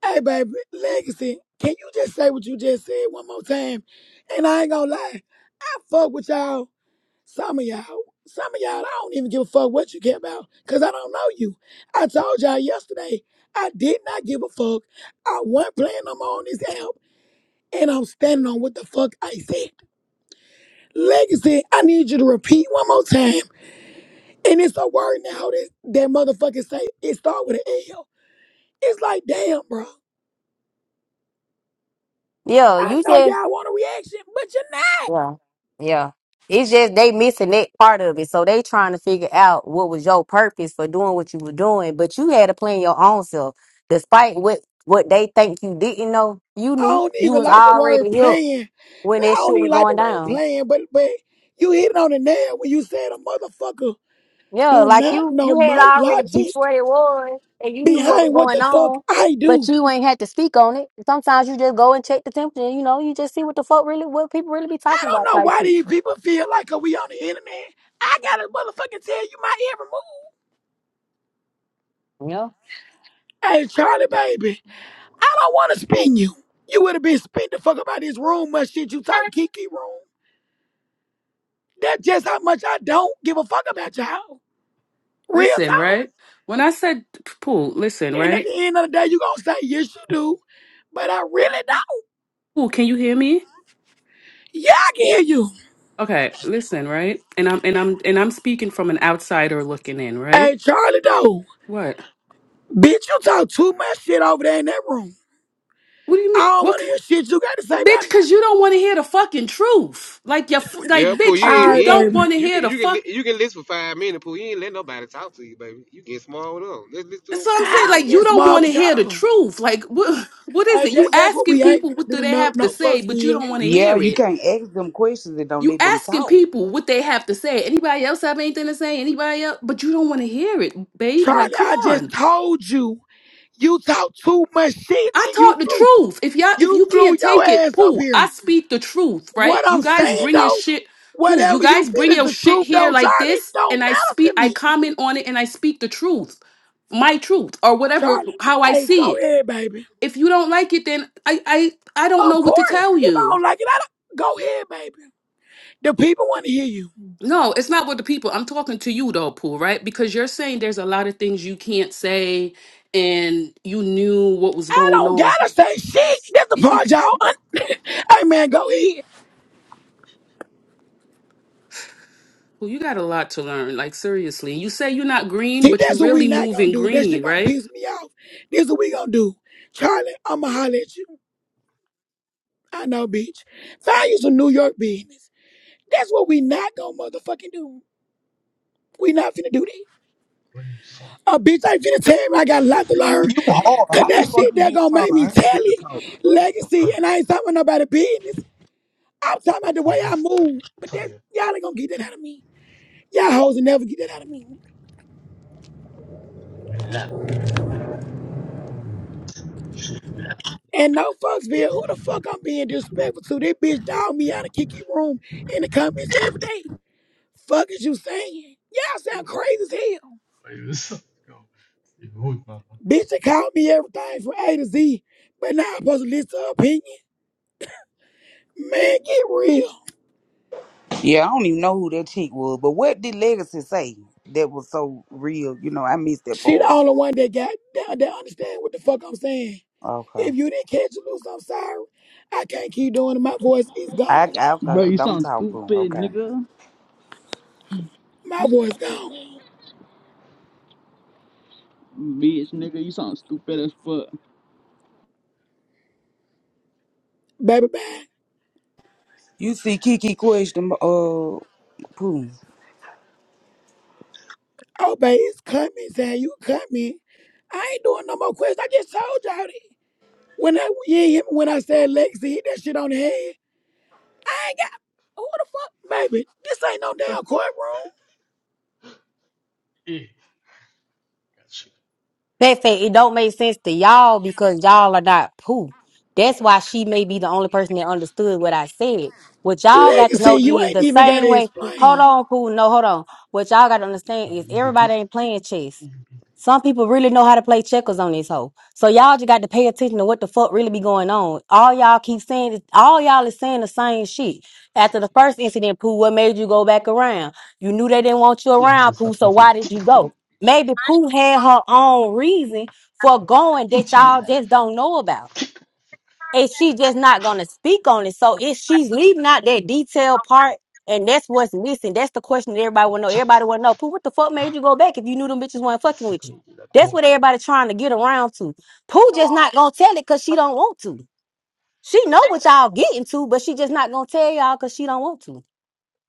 Hey, baby, legacy. Can you just say what you just said one more time? And I ain't gonna lie. I fuck with y'all Some of y'all, some of y'all, I don't even give a fuck what you care about because I don't know you. I told y'all yesterday, I did not give a fuck. I wasn't playing no more on this app, and I'm standing on what the fuck I said. Legacy, I need you to repeat one more time. And it's a word now that that motherfucker say it start with an L. It's like, damn, bro.
Yeah,
I
you
know
just,
y'all want a reaction, but you're not.
yeah, yeah. It's just they missing that part of it, so they trying to figure out what was your purpose for doing what you were doing, but you had to plan your own self, despite what what they think you didn't know. You
I
knew
don't
you
even
was
like the word
already here
playing.
when
I
that
don't
shit was
even like the
going
word
down.
playing, but but you hit it on the nail when you said a motherfucker
Yeah,
do
like
not
you
know
you had
my
already peeped
logic
what it was and you knew what was
behind what the
going
fuck
on,
I
but
do.
you ain't had to speak on it. Sometimes you just go and check the temperature, you know, you just see what the fuck really what people really be
I
talking
don't
about
know
type
why
shit.
these people feel like uh, we on the internet. I gotta motherfucking tell you my every move.
Yeah.
Hey Charlie baby, I don't wanna spin you. You would have been spent the fuck about this room much shit you talking Kiki room. That's just how much I don't give a fuck about y'all. Real
Listen,
talk.
right? When I said Paul, listen,
And at the
right?
end of the day, you gonna say, yes, you do. But I really don't.
Paul, can you hear me?
Yeah, I can hear you.
Okay, listen, right? And I'm and I'm and I'm speaking from an outsider looking in, right?
Hey, Charlie though,
What?
bitch, you talk too much shit over there in that room.
What do you
I
mean?
don't
What,
wanna
k-
hear shit you gotta say about
bitch?
me.
Because you don't want to hear the fucking truth. Like you, like
Yeah, Pooh,
bitch,
you ain't,
you
Alright,
you ain't,
don't
baby.
want to
you
hear
can
the
you can
fuck.
li- you can listen for five minutes, Pooh. You ain't let nobody talk to you, baby. You get small with them. Let's listen to
That's
it
what
for
I'm
four
saying.
I'm
Like
minutes.
you
getting
don't
smart
want to
with
hear the
y'all.
truth. Like what? [LAUGHS] What is
Hey,
it? You
that, that's what
asking
we ain't
people
finna
what do
do,
they
no,
have to
no
say, but you
Fucksville.
don't want to
Yeah,
hear
you
it.
can't ask them questions and don't
You
let them
asking
talk.
people what they have to say. Anybody else have anything to say? Anybody else? But you don't want to hear it, babe. Like,
Charlie,
come
I just
on.
told you, you talk too much shit
I
and you
talk the
flew,
truth. If y'all, if
you
you
flew
can't
your
take it,
ass up
poo. I
here.
speak the truth, right?
What
You
I'm
guys
saying
bring your
though,
shit, poo. You
whatever
guys
you
bring
feel is
your
the
shit
truth
here
though,
like
Charlie,
this, and
don't
I
matter
speak.
to
I
me.
comment on it, and I speak the truth, my truth, or whatever
Charlotte,
how I
hey,
see
go
it.
ahead, baby.
If you don't like it, then I I I don't
Of
know what to
course.
tell
If I
you.
don't like it, I don't. Go ahead, baby. The people want to hear you.
No, it's not with the people. I'm talking to you though, Pooh, right? Because you're saying there's a lot of things you can't say and you knew what was
I
going
don't
on.
gotta say shit. That's the
Y- y-
part, y'all. Un- [LAUGHS] hey, man, go ahead.
Pooh, you got a lot to learn, like seriously. You say you're not green,
See,
but you're
that's what we
really
not gonna
moving
do. That
green,
shit gonna
right?
piss me off. This is what we gonna do. Charlie, I'ma holler at you. I know, bitch. Find you some New York business. That's what we not gonna motherfucking do. We not finna do that.
What are you some
Oh, bitch, I ain't finna tell me I got a lot to learn.
You hard.
Cause
How the
that
fuck
shit
you
that
get
gonna make
taller?
me
I
tell
ain't get the
it.
taller.
some
Legacy,
homie?
and I ain't talking about nobody business. I'm talking
nigga,
about the way
Some
I
ice.
move. But
Tell
that's
you
y'all ain't gonna get that out of me. Y'all hoes will never get that out of me.
to make me laugh. She make me laugh.
And no fucks, Bill. Who the fuck I'm being disrespectful to? This bitch dog me out of Kiki room in the comments every day. Fuck is you saying? Y'all sound
Ooh,
crazy as hell.
What are you some? Go. You hold my
Bitch, they called me everything from A to Z. But now I'm supposed to listen to her opinion. Man, get real.
Yeah, I don't even know who that chick was. But what did Legacy say? That was so real. You know, I missed that
She the
part.
only one that got that, that understand what the fuck I'm saying. If
Okay,
you didn't catch it, loose, I'm sorry. I can't keep doing it. My voice is
I,
gone.
I okay,
Bro, you
don't
sound
talk to 'em,
stupid,
Okay.
nigga.
My voice gone.
Bitch, nigga, you sound stupid as fuck.
Baby bye.
you see Kiki question. Uh, Pooh.
Oh baby, it's coming, saying you coming. I ain't doing no more questions. I just told y'all that. When I you ain't hear me when I said Lexi hit that shit on the head. I ain't got who the fuck baby. This ain't no damn courtroom.
Yeah, gotcha.
They say it don't make sense to y'all because y'all are not poo. That's why she may be the only person that understood what I said. What y'all got to
Legacy,
know
you
is
ain't
the
even
same
gotta
way. Hold
explain.
on, poo. No, hold on. What y'all got to understand
I'm
is
easy
everybody
busy.
ain't playing chess.
Damn,
Some people really know how to play checkers on this hoe. So y'all just got to pay attention to what the fuck really be going on. All y'all keep saying, is all y'all is saying the same shit. After the
fucking
first
bitch.
incident, poo, what made you go back around? You knew they didn't want you
Two
around,
hundred
poo. So
centimeters will
why did you go?
pretty
Maybe Pooh had her own reason for
much
going that
into you
y'all
like
just don't know about. And she just not gonna speak on it. So if she's leaving out that detailed part and that's what's missing, that's the question that everybody
no
wanna know.
chance
Everybody
about
wanna know, Pooh, what the fuck made you go back if you knew them bitches weren't fucking with you?
fucking into like
That's
wolf.
what everybody trying to get around to. Pooh just not gonna tell it cause she don't want to. She know what y'all getting to, but she just not gonna tell y'all cause she don't want to.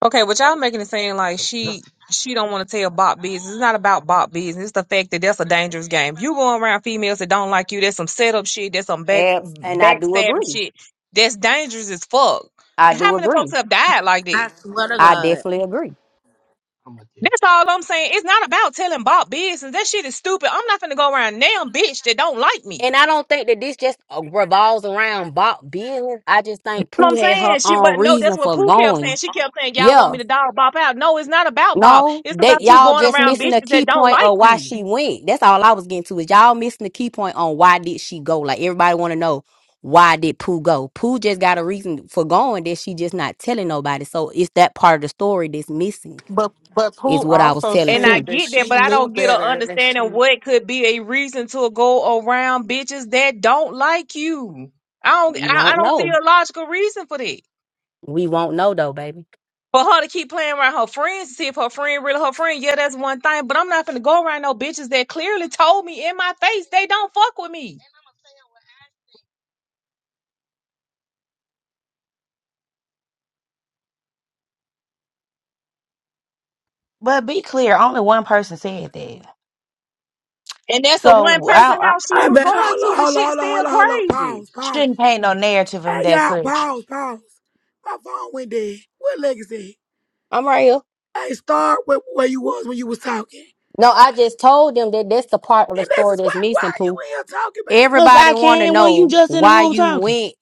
Okay, what y'all making it seem
Tell
like
tell
she
nothing.
she don't want to tell Bob business. It's not about Bob business. It's the fact that that's a dangerous game. You going around females that don't like you. That's some setup shit. That's some back
Abs- And I do
backstabbing
agree.
shit. That's dangerous as fuck.
I
How
do
many folks
agree.
have died like that?
I swear to
I
God.
definitely agree.
I'm a
That's
dangerous.
all I'm saying. It's not about telling Bob business. That shit is stupid. I'm not finna go around damn bitch that don't like me.
And I don't think that this just uh, revolves around Bob business. I just think
You know
Pooh
what
had
I'm
her
saying? She, but
own
no,
reason
that's what
for
Pooh kept saying.
going.
She kept saying, "Y'all want
Yeah.
me to dog Bob out?" No, it's not about Bob.
No,
It's
that
about you
y'all
going
just
around
missing the
bitches that
key
don't
point
like
of why
you.
she went. That's all I was getting to is y'all missing the key point on why did she go. Like everybody want to know why did Pooh go? Pooh just got a reason for going that she just not telling nobody. So it's that part of the story that's missing.
But but
Is
Pooh
what I was
also
telling
And I
said
Pooh.
that
get that, but
she
I
knew
don't get a
better and she
understanding what could be a reason to go around bitches that don't like you. I don't
We
I, I
won't
don't see
know.
a logical reason for that.
We won't know though, baby.
For her to keep playing around her friends to see if her friend really her friend, yeah, that's one thing. But I'm not gonna go around no bitches that clearly told me in my face they don't fuck with me.
But be clear, only one person said that.
And that's the one
So
person
I, I,
how she
I
My
was
bad.
going
Hold on,
to. The
hold on,
shit
hold on,
still
hold on, hold on.
crazy.
Pause, pause.
shouldn't paint no narrative of
Hey,
that
y'all,
such.
pause, pause. My phone went dead. What legacy?
I'm right here.
Hey, start with where you was when you was talking.
No, I just told them that that's the part of the
And this
story
is why,
that's
why
missing,
are you
Pooh.
in here talking, babe?
Cause
Everybody
I
want to
can when you
know
just in the
why
room
you
talking.
went.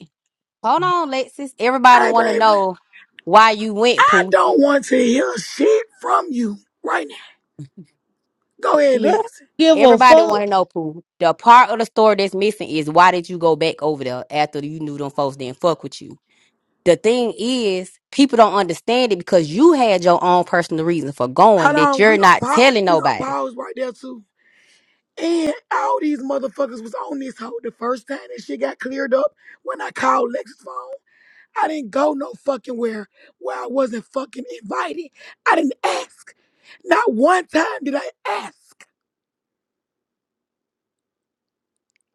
Hold on, Lexus. Everybody
Hey,
want to
baby,
know why you went,
I
Pooh.
don't want to hear shit from you right now. Go ahead,
Girl,
legacy.
give a
Everybody want to
fuck.
know, Pooh. The part of the story that's missing is why did you go back over there after you knew them folks didn't fuck with you? The thing is, people don't understand it because you had your own personal reason for going
Hold
that
on,
you're
we gonna
not
pause.
telling
We gonna
nobody.
pause right there too. And all these motherfuckers was on this hoe the first time that shit got cleared up when I called Lex's phone. I didn't go no fucking where where I wasn't fucking invited. I didn't ask. Not one time did I ask.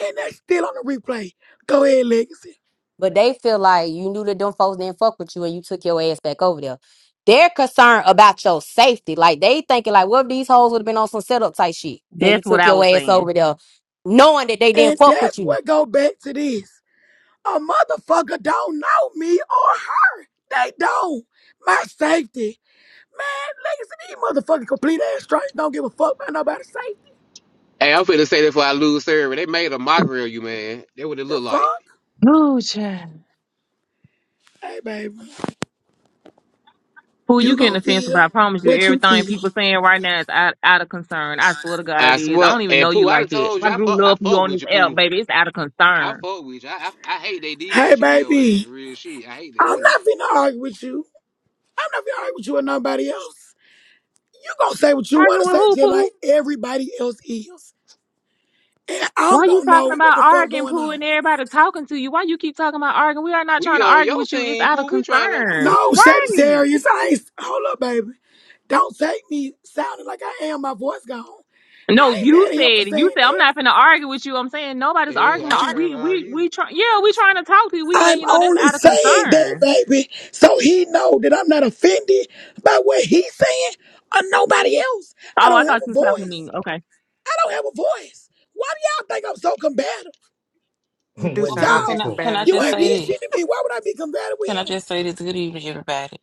And that's still on the replay. Go ahead, Legacy.
But they feel like you knew that them folks didn't fuck with you and you took your ass back over there. They're concerned about your safety. Like they thinking like, what if these hoes would have been on some setup type shit and you
That's what
took
I
your
was
ass
saying.
over there knowing that they didn't
And
fuck with
that's
you.
what go back to this. A motherfucker don't know me or her. They don't. My safety. Man, Legacy, these motherfucking complete ass strangers don't give a fuck about nobody's safety.
Hey, I'm finna say that before I lose service. They made a mockery of you, man. That what it
The
look like.
fuck?
Ooh, child.
Hey, baby.
Who
You
you getting
gonna
offensive? But
feel
I promise you,
what you
everything
feel.
people saying right now is out, out of concern. I swear to
I
God, it is. I
swear.
don't even
And
know you
Pooh, I done
like that.
told
I
you I
grew
fuck I
up you
fuck
on
with
this
you,
app,
Pooh.
baby. It's out of
I
concern.
fuck with you. I, I I hate they did
Hey,
that shit to your ass.
baby.
Real shit. I hate that
I'm
shit.
not finna argue with you. I don't know if y'all right with you or nobody else. You gonna say what you
Argue
wanna
with
say
who,
just like
Pooh?
everybody else is. And I'm
Why you
gonna
talking
know what
about
the fuck
arguing,
going
Pooh,
on.
and everybody talking to you? Why you keep talking about arguing? We are not trying
We
to
on
argue
your
with you. It's
team,
out of
Pooh. We trying to
concern.
we.
No,
Right.
Sagittarius, I ain't hold up, baby. Don't take me sounding like I am, my voice gone.
No,
I ain't
you
mad at him for
said it. You
saying
said I'm
that.
not finna argue with you. I'm saying nobody's
Hey,
arguing
I
with
ain't
you.
trying
We
to
we we
argue.
try yeah, we trying to talk to you. We letting
I'm
you know that's
only
out of
saying that,
concern.
baby, so he know that I'm not offended by what he's saying or nobody else. I
Oh, I
don't have
thought you
a
were talking to me.
voice.
Okay.
I don't have a voice. Why do y'all think I'm so combative?
[LAUGHS]
You
I'm
do
not
with
Well,
your
Pooh,
sound very
first
can
y'all.
I,
go.
can I
combative.
You
just
[LAUGHS]
ain't
say
did shit
this?
to me. Why would I be combative with
Can I
him?
just say this? Good evening, everybody.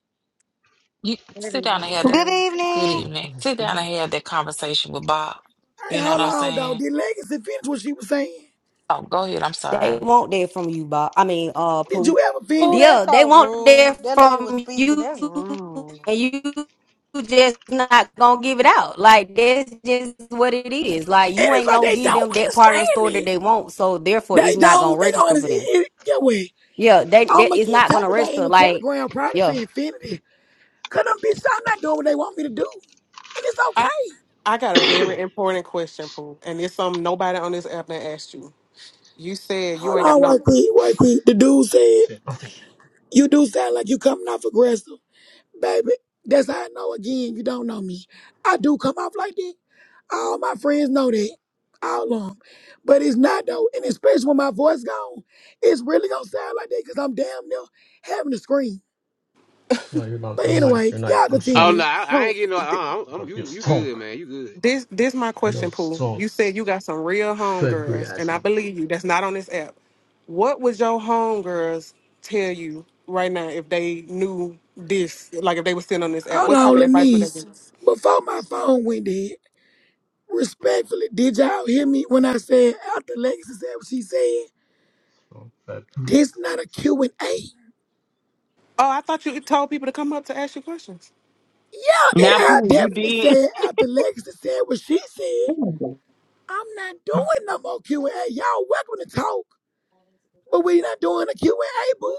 You sit down and have that.
Good
Anyway.
Good
evening.
Your
evening.
first
Sit down and
sleeping?
have that conversation with Bob.
Hey,
You know what
hold
I'm
on, though.
saying?
Did Legacy finish what she was saying?
Oh, go ahead. I'm
They
sorry.
want that from you, Bob. I mean, uh
Did
Pooh.
you ever
Pooh,
finish?
that's
Yeah, they
so
want
rude.
that
That lady was
from
speaking.
you
That's rude.
and you just not gonna give it out. Like that's just what it is. Like
And
you
it's
ain't
like
gonna
they
give
don't
them that part of the
understand
story that
it.
they want, so therefore
They
it's not gonna
don't. They don't
register for them.
understand it. Get away.
Yeah, they
I'm
that is
against
not
how
gonna
the guy in
register.
the
Like,
Telegram Protestant
yeah,
Infinity. Cause them bitches, I'm not doing what they want me to do. And it's
I
okay.
I got a
either.
very important question, Pooh, and it's something nobody on this app done asked you. You said you
Hold
ain't got
on,
no.
right quick, right quick. The dude said,
Say nothing.
you do sound like you coming off aggressive. Baby, that's how I know again you don't know me. I do come off like that. All my friends know that. All of 'em. But it's not though. And especially when my voice gone, it's really gonna sound like that because I'm damn near having to scream.
No, you're not.
But
You're nice.
anyway,
You're nice.
y'all
I'm
[COUGHS]
sure
oh no,
continue.
I, I ain't
Pooh,
getting no.
th-
I, I'm, I'm
because you're
you you
strong.
good, man. You good.
this this my
I
question,
love
Pooh.
strong.
You said you got some real
February
homegirls, and
as
I
me.
believe you. That's not on this app. What would your homegirls tell you right now if they knew this? Like if they were sitting on this app,
Hold
what type
on,
of advice would they give?
Lenise. Before my phone went dead, respectfully, did y'all hear me when I said after Lexi said what she said?
Strong February.
This not a Q and A.
Oh, I thought you told people to come up to ask you questions.
Yeah, and
Now
I
Pooh, you
definitely
did.
said after Lexi said what she said.
[LAUGHS]
I'm not
[COUGHS] Of
doing no more Q&A. Y'all welcome to talk, but we not doing a Q&A, booth.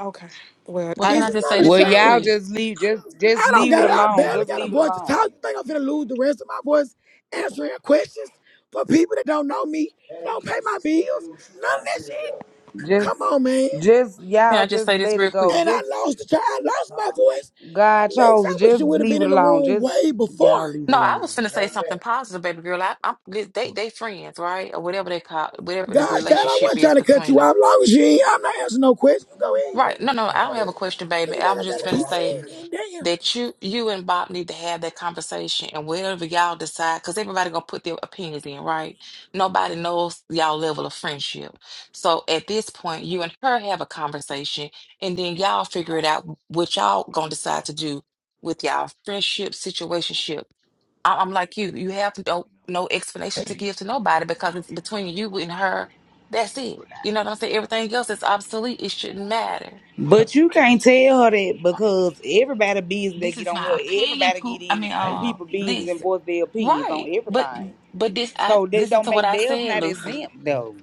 Okay. Well,
Well,
I
can
This
I
is
just
not
say
a
this
Well,
real
show.
y'all
quick?
just leave, just just
I don't
leave it
got I
alone.
barely
Just
got a
leave it
voice to talk.
alone.
You think I'm gonna lose the rest of my voice answering questions for people that don't know me, don't pay my bills, none of that shit?
Just,
Come on, man.
just
Can
y'all
I just
just
say this
let
real
it go.
quick?
And I
Just
lost the child. I lost my voice.
God
Lex,
chose.
I
it.
wish you
Just
would have been
leave it
in the
alone.
room
Just
way before.
y'all leave it
No, I
alone.
was finna say something positive, baby girl. I, I'm they they they
course.
friends, right? Or whatever they call whatever the
Gosh, dad, I
relationship
wasn't trying
is
to cut
between
you
them.
off. Long as you ain't, I'm not answering no questions. You go in.
Right. No, no, I don't have a question,
Cause
baby.
it's
I
like I
was just
gotta
finna
keep
say
saying it. Damn.
that you you and Bob need to have that conversation and whatever y'all decide, because everybody gonna put their opinions in, right? Nobody knows y'all level of friendship. So at this point, you and her have a conversation and then y'all figure it out what y'all gonna decide to do with y'all friendship, situationship. I- I'm like you, you have no no explanation to
Hey,
give to nobody because it's between you and her. That's it. You know what I'm saying? Everything else is obsolete. It shouldn't matter.
[LAUGHS]
But you can't tell her that
what?
because everybody business that
This
get
is
on her,
my opinion,
everybody get
poop. I
in it.
mean,
Hey,
uh,
people business
this.
and voice their opinions on
Right. But
everything.
but this I
So they
listen
don't
to what
make
I
theirs
said,
not
Lucy.
exempt though.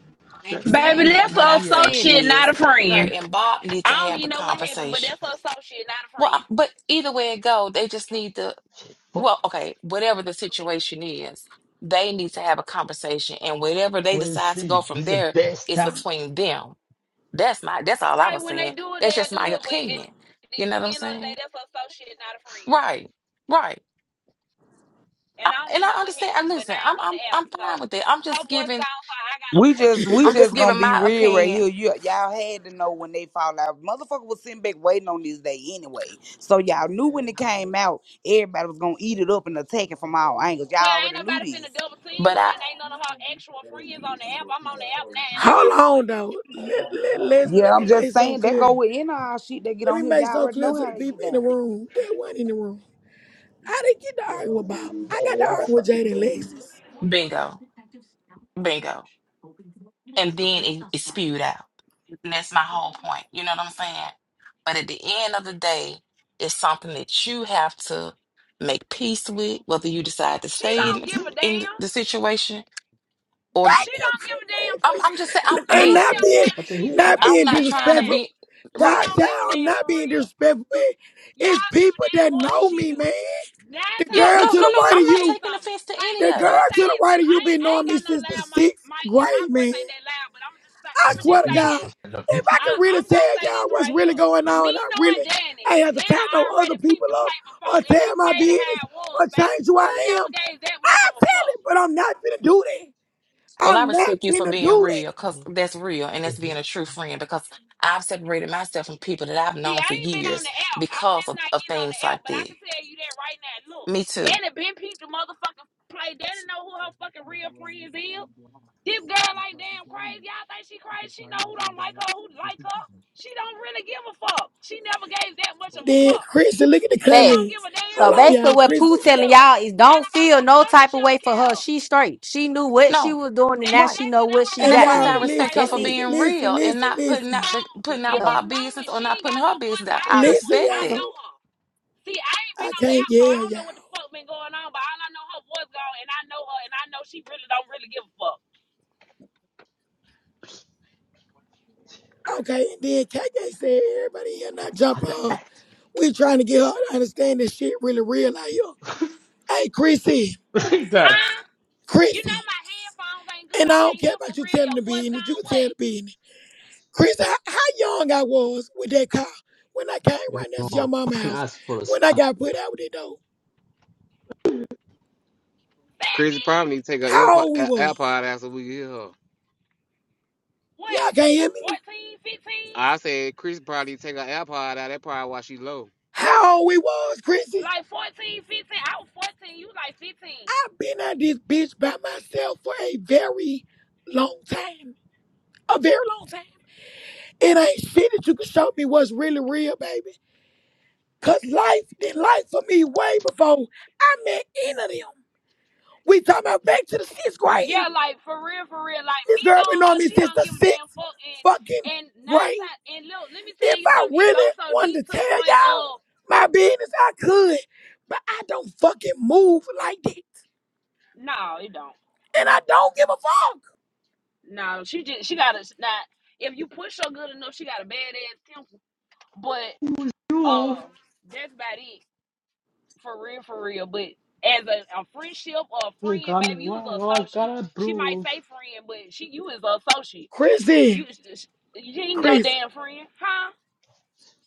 I
shit.
ain't
You
saying
Baby,
that.
don't
that's
know
What
a
I
me yet.
said
associate,
is
not a
her
friend.
and Bob need
I
to
don't
have
even
the
know what happened, but
conversation.
that's a associate, not a
Well, I-
friend.
but either way it go, they just need to
Shit.
well, okay, whatever the situation is, they need to have a conversation and whatever they
What is
decide to go
see?
from
This is the
there
best
is
time.
between them. That's my that's all I
Right
was
when they
saying.
do it,
That's just
they'll
my
do it, but
opinion.
at
You know what
the
I'm
end of the day,
saying?
that's a associate, not a friend.
Right. Right. I,
and I don't
and I
even know what
understand. I
happened. But
listen.
now
I'm
I'm on
I'm
the app,
I'm
so
fine with it. I'm
her
just
voice
giving
gone, so I got a
We
voice.
just we
I'm just
just gonna
giving
be
my
real right here.
opinion,
You y'all had to know when they fall out. Motherfucker was sitting back waiting on this day anyway. So y'all knew when it came out, everybody was gonna eat it up and attack it from all angles.
Well,
Y'all
ain't
already knew
nobody finna
this.
double team
but
her,
I
and ain't none of her actual friends on the app. I'm on the app now, and I
Hold
got a
on
voice.
though. Let let let
Yeah,
let me
I'm
make
just
something
saying that go
clear.
within all shit that get
Let me
on here.
make
Y'all
something
already
clear
know
to
how
the
they get
people in the
down.
room that wasn't in the room. I didn't get to arguing with Bob. I got to arguing
Yes.
with Jade and Lexus.
bingo, bingo, and then it, it spewed out. And that's my whole point. You know what I'm saying? But at the end of the day, it's something that you have to make peace with, whether you decide to
She
stay
See,
don't
in
give a
in
damn.
the situation or
Thank
She
you,
don't give
Chris-
a
man,
damn for
I'm
Chris.
I'm just
real.
saying
N-
I'm
And
Y'all
not
listen.
care more
being
what
than
the
she
hell,
do.
not
nigga?
I
I'm
can
being
tell
not
you that
trying to
disrespectful.
now.
be
She
God
don't
right.
child,
give a
I'm
damn
not
for
being
real.
disrespectful, man. It's
Y'all give a
people
damn
that
more than
know
she
me,
do.
man. The
Nine
Yeah,
times
girl
out
no,
to
of
no,
the
ten,
no.
let
right
me
of
I'm not
tell you
you,
taking
something.
offense to
Hey,
any
let
the
me
of
let me
girl
it.
say
to the
this,
right
cause
of
I
you
ain't
been
I
knowing
ain't
me
got no
since the
loud mic
sixth
mic and my
grade,
voice
man.
ain't that loud, but i am just
I
I'ma
Yeah, I'm an
swear
just
to
say
easy
God,
this.
question. I love
if I
Nikki.
I,
can really
I'm gonna
tell
say
y'all
this
what's
right
really
here.
going on,
Me
and I really
knowing Danny,
ain't have to
Danny
tie no other
already
people
peeped the
up
play before,
or
and she
tell my
played it how
business
it was,
or
baby.
change who
She
I am,
never gave that much
I'll
of a
tell
fuck.
it, but I'm not finna do that.
Well, I
I'm not
respect you for
finna
being
do that.
real because
What
that's real and
the
that's being
hell?
a true friend because I've separated myself from people that I've
See,
known
I
for
ain't been on
years
the app. I'm
because
just
of,
not
of
getting on the
things
app,
like
but I
that.
can tell you that right now. Look,
Me too.
Danny been peeped the motherfucking play. Danny know who her fucking real friends is. This girl ain't damn crazy. Y'all think she crazy? She know who don't like her, who like her. She don't really give a fuck. She never gave that much of a
Then
fuck.
Christian, look at the
She don't
comment.
give
facts.
a damn
So
Hold
because
on,
who
basically,
y'all.
gonna
what
mush
Christian.
or
Pooh
push her?
telling y'all is
I ain't
don't
nobody
feel
gonna
no
touch her.
type of
She
way
don't
for her.
care.
She straight. She knew what she
No,
was doing, and now
right.
she
Exactly.
know
That's
what
what I'm
she
And
And
that's
trying
got
to
why I
to
y'all,
say I
tell
do.
you
respect
right
listen,
her
That's
for
here.
it.
listen,
being
listen,
real and
listen,
not putting out
So
listen.
the, putting
in
out
Yeah.
this
my
moment,
business or
she
not
ain't got
putting
no
her
voice.
business out.
I
I
got
Listen,
one.
respect
I
that.
know
y'all.
her. See, I ain't
I
been on the
can't
app, so I
yell,
don't
y'all.
know what the fuck been going on. But all I know, her voice gone, and I know her, and I know she really don't really give a fuck.
Okay, and then KK said, everybody here not jump
What the
on.
act?
We trying to get her to understand this shit really real out here. Hey, Chrissy,
[LAUGHS] Like that.
Huh? You know
Chrissy,
my headphones ain't good.
and
I
I don't
can't
care
hear for
about you
real.
telling
Your
the
voice
business. You
gone.
can
What?
tell the business. Chrissy, how, how young I was with that car when I came
You
right next to your
know,
mama's
Fucking
house
ass for us.
when I got put out with that dog.
Say it
Chrissy
again.
probably need to take her
How
earpod,
old we
a-
was?
AirPod out so we can hear her.
What?
Y'all can't hear me?
14, 15?
I said Chris probably need to take her AirPod out. That probably why she low.
How old we was, Chrissy?
Like 14, 15? I was 14. You like 15.
I've been at this bitch by myself for a very long time. A very long time. It ain't shit that you can show me what's really real, baby. Cause life did life for me way before I met any of them. We talking about back to the sixth grade.
Yeah, like for real, for real. Like
This
me
girl been
knowing
on
her,
me
she
since
don't
the
give a damn
sixth
fuck.
fucking
And and nine
grade.
times and look, let me
If
tell you
I
something. It goes
really
so deep
wanted
to
to
the
tell
point
y'all
of
my business, I could, but I don't fucking move like that,
no, it don't.
and I don't give a fuck.
No, she just she got a not. If you push her good enough, she got a bad ass temper. But
You.
uh, that's about it. For real, for real. But as a, a friendship or a
You
friend,
got me.
baby, you was
Why?
an
I
associate.
gotta
She might
prove?
say friend, but she you is an associate.
Chrissy,
You you ain't no
Chrissy,
damn friend, huh?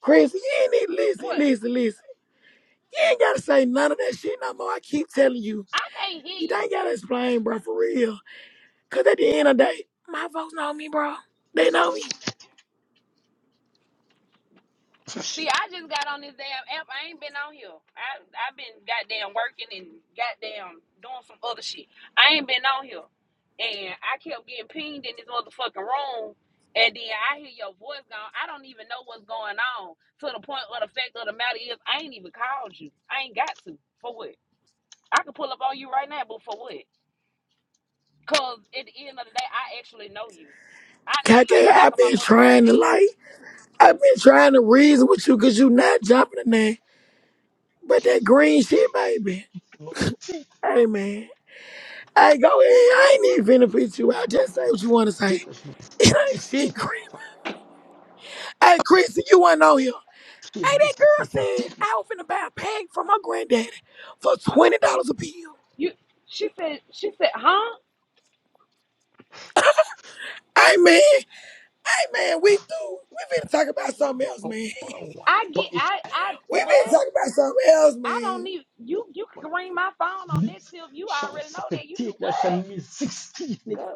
Chrissy, you ain't need to listen,
What?
listen, listen. You ain't gotta say none of that shit no more. I keep telling you,
I can't
you
you.
ain't gotta explain, bro, for real. Cause at the end of the day, my folks know me, bro. They know me.
See, I just got on this damn app. I ain't been on here. I I've been goddamn working and goddamn doing some other shit. I ain't been on here, and I kept getting pinged in this motherfucking room. And then I hear your voice gone. I don't even know what's going on. To the point of the fact of the matter is, I ain't even called you. I ain't got to. For what? I could pull up on you right now, but for what? Cause at the end of the day, I actually know you. I know you like
KK,
the back
I've
of my
been
motherfucking
trying to
hand.
like. I've been trying to reason with you because you not jumping in there. But that green shit, baby.
Not the dick.
Hey, man. Hey, go ahead. I ain't even finna pitch you out. Just say what you want to say. [LAUGHS]
Dick. I should be
It ain't shit,
16.
Chris. Hey, Chris, you wasn't on here. Hey,
300
that girl
centimeters.
said
dick. My.
I was finna buy a pack from my granddaddy for $20 a pill.
You. She said. She said, huh?
Hey, man. Hey, man, we do. We finna talk about something else,
Oh,
man.
but I want.
I
But
get.
it's
I. I.
[LAUGHS] we finna
What?
talk about something else,
I don't
man.
need you. You
my
can ring my phone on that
knees.
till you
Shut up,
already know
suck a
that. You
dick. That shall mean 16, nigga.
know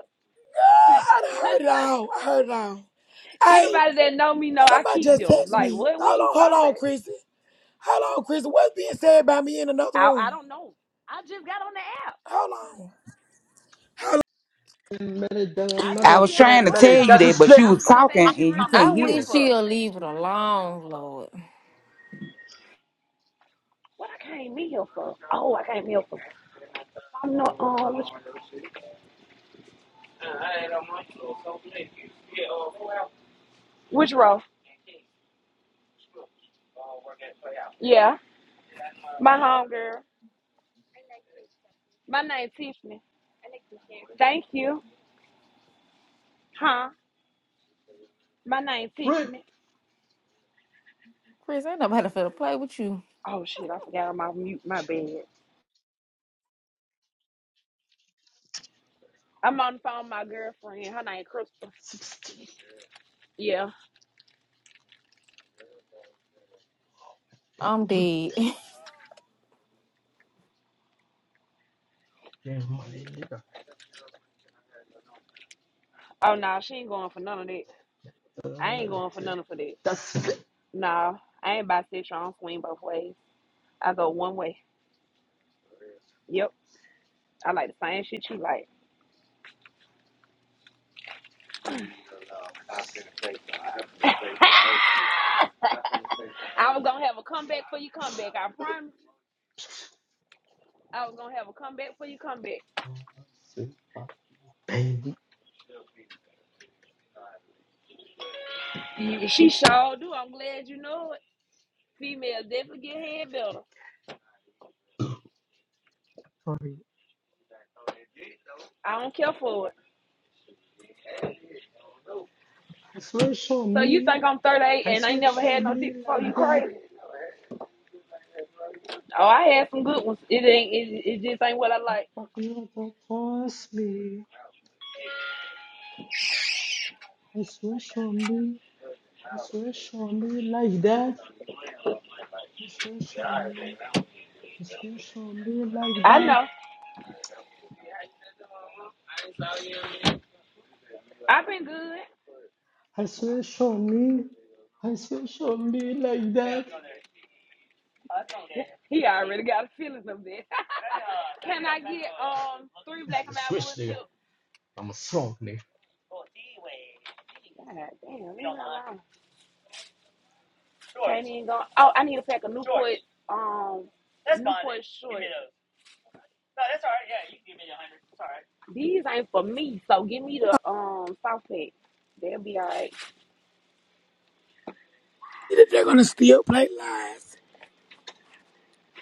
Ah, I done
what?
heard
Good.
it all. I heard it all.
[LAUGHS]
Hey,
Anybody that know me know I
Somebody
keep
just
them.
text
Like
me.
what? What
Hold
you
on, hold
talking
on,
about?
Chrissy. Hold on, Chrissy. What's being said by me in another
I I
room?
don't know. I just got on the app.
Hold on. Hold on.
minute, then
I just
I
another
see
was
her
trying
10
to
voice
minutes.
tell you
That's a
gone,
that, but
and
split.
you
I
was
was just saying
talking
she
and you
really
I
couldn't
don't give a
hear.
wish
fuck.
she'll leave it alone, Lord.
What I came in here for? Oh, I came here for. I'm not. Um, which, which row? Yeah, my homegirl. My name Tiffany. Thank you. Huh? My name
Rip.
Tiffany.
Chris, ain't nobody finna play with you.
Oh shit! I forgot I'm off mute. My bad. I'm on the phone with my girlfriend. Her name Crystal.
16.
Yeah.
Fuck,
I'm
we
dead.
get money, nigga.
Oh no, she ain't going for none of that.
Then
I ain't
Another
going for
10.
none of that.
That's a split.
No, I ain't bisexual. I don't swing both ways. I go one way. Yep. I like the same shit you like. I was gonna have a comeback for your comeback. I promise. I was gonna have a comeback for your comeback.
Say, oh, Baby,
You- She sure do. I'm glad you know it. Females definitely get head better.
sorry.
I don't care for it.
I swear show
So you
me.
think I'm 38
I
and I ain't
swear
never
show
had no
me
dick before? You
like that.
crazy? Oh, I had some good ones. It ain't. It, it just ain't what I like.
Fucking want to cross me. I swear show me. I swear show me like that. I swear show me. I swear show me like
I
that.
know. I've been good.
I swear show me. I swear show me like that.
He already got a feelings of this. [LAUGHS] Can I get um three black and mild
Switch
wood
nigga.
tips?
I'm a frog nigga.
God damn, leave me alone. Ain't even going. Oh, I need a pack of Newport um Newport short. These ain't for me, so give me the um soft pack. They'll be all right.
They're gonna still play lies.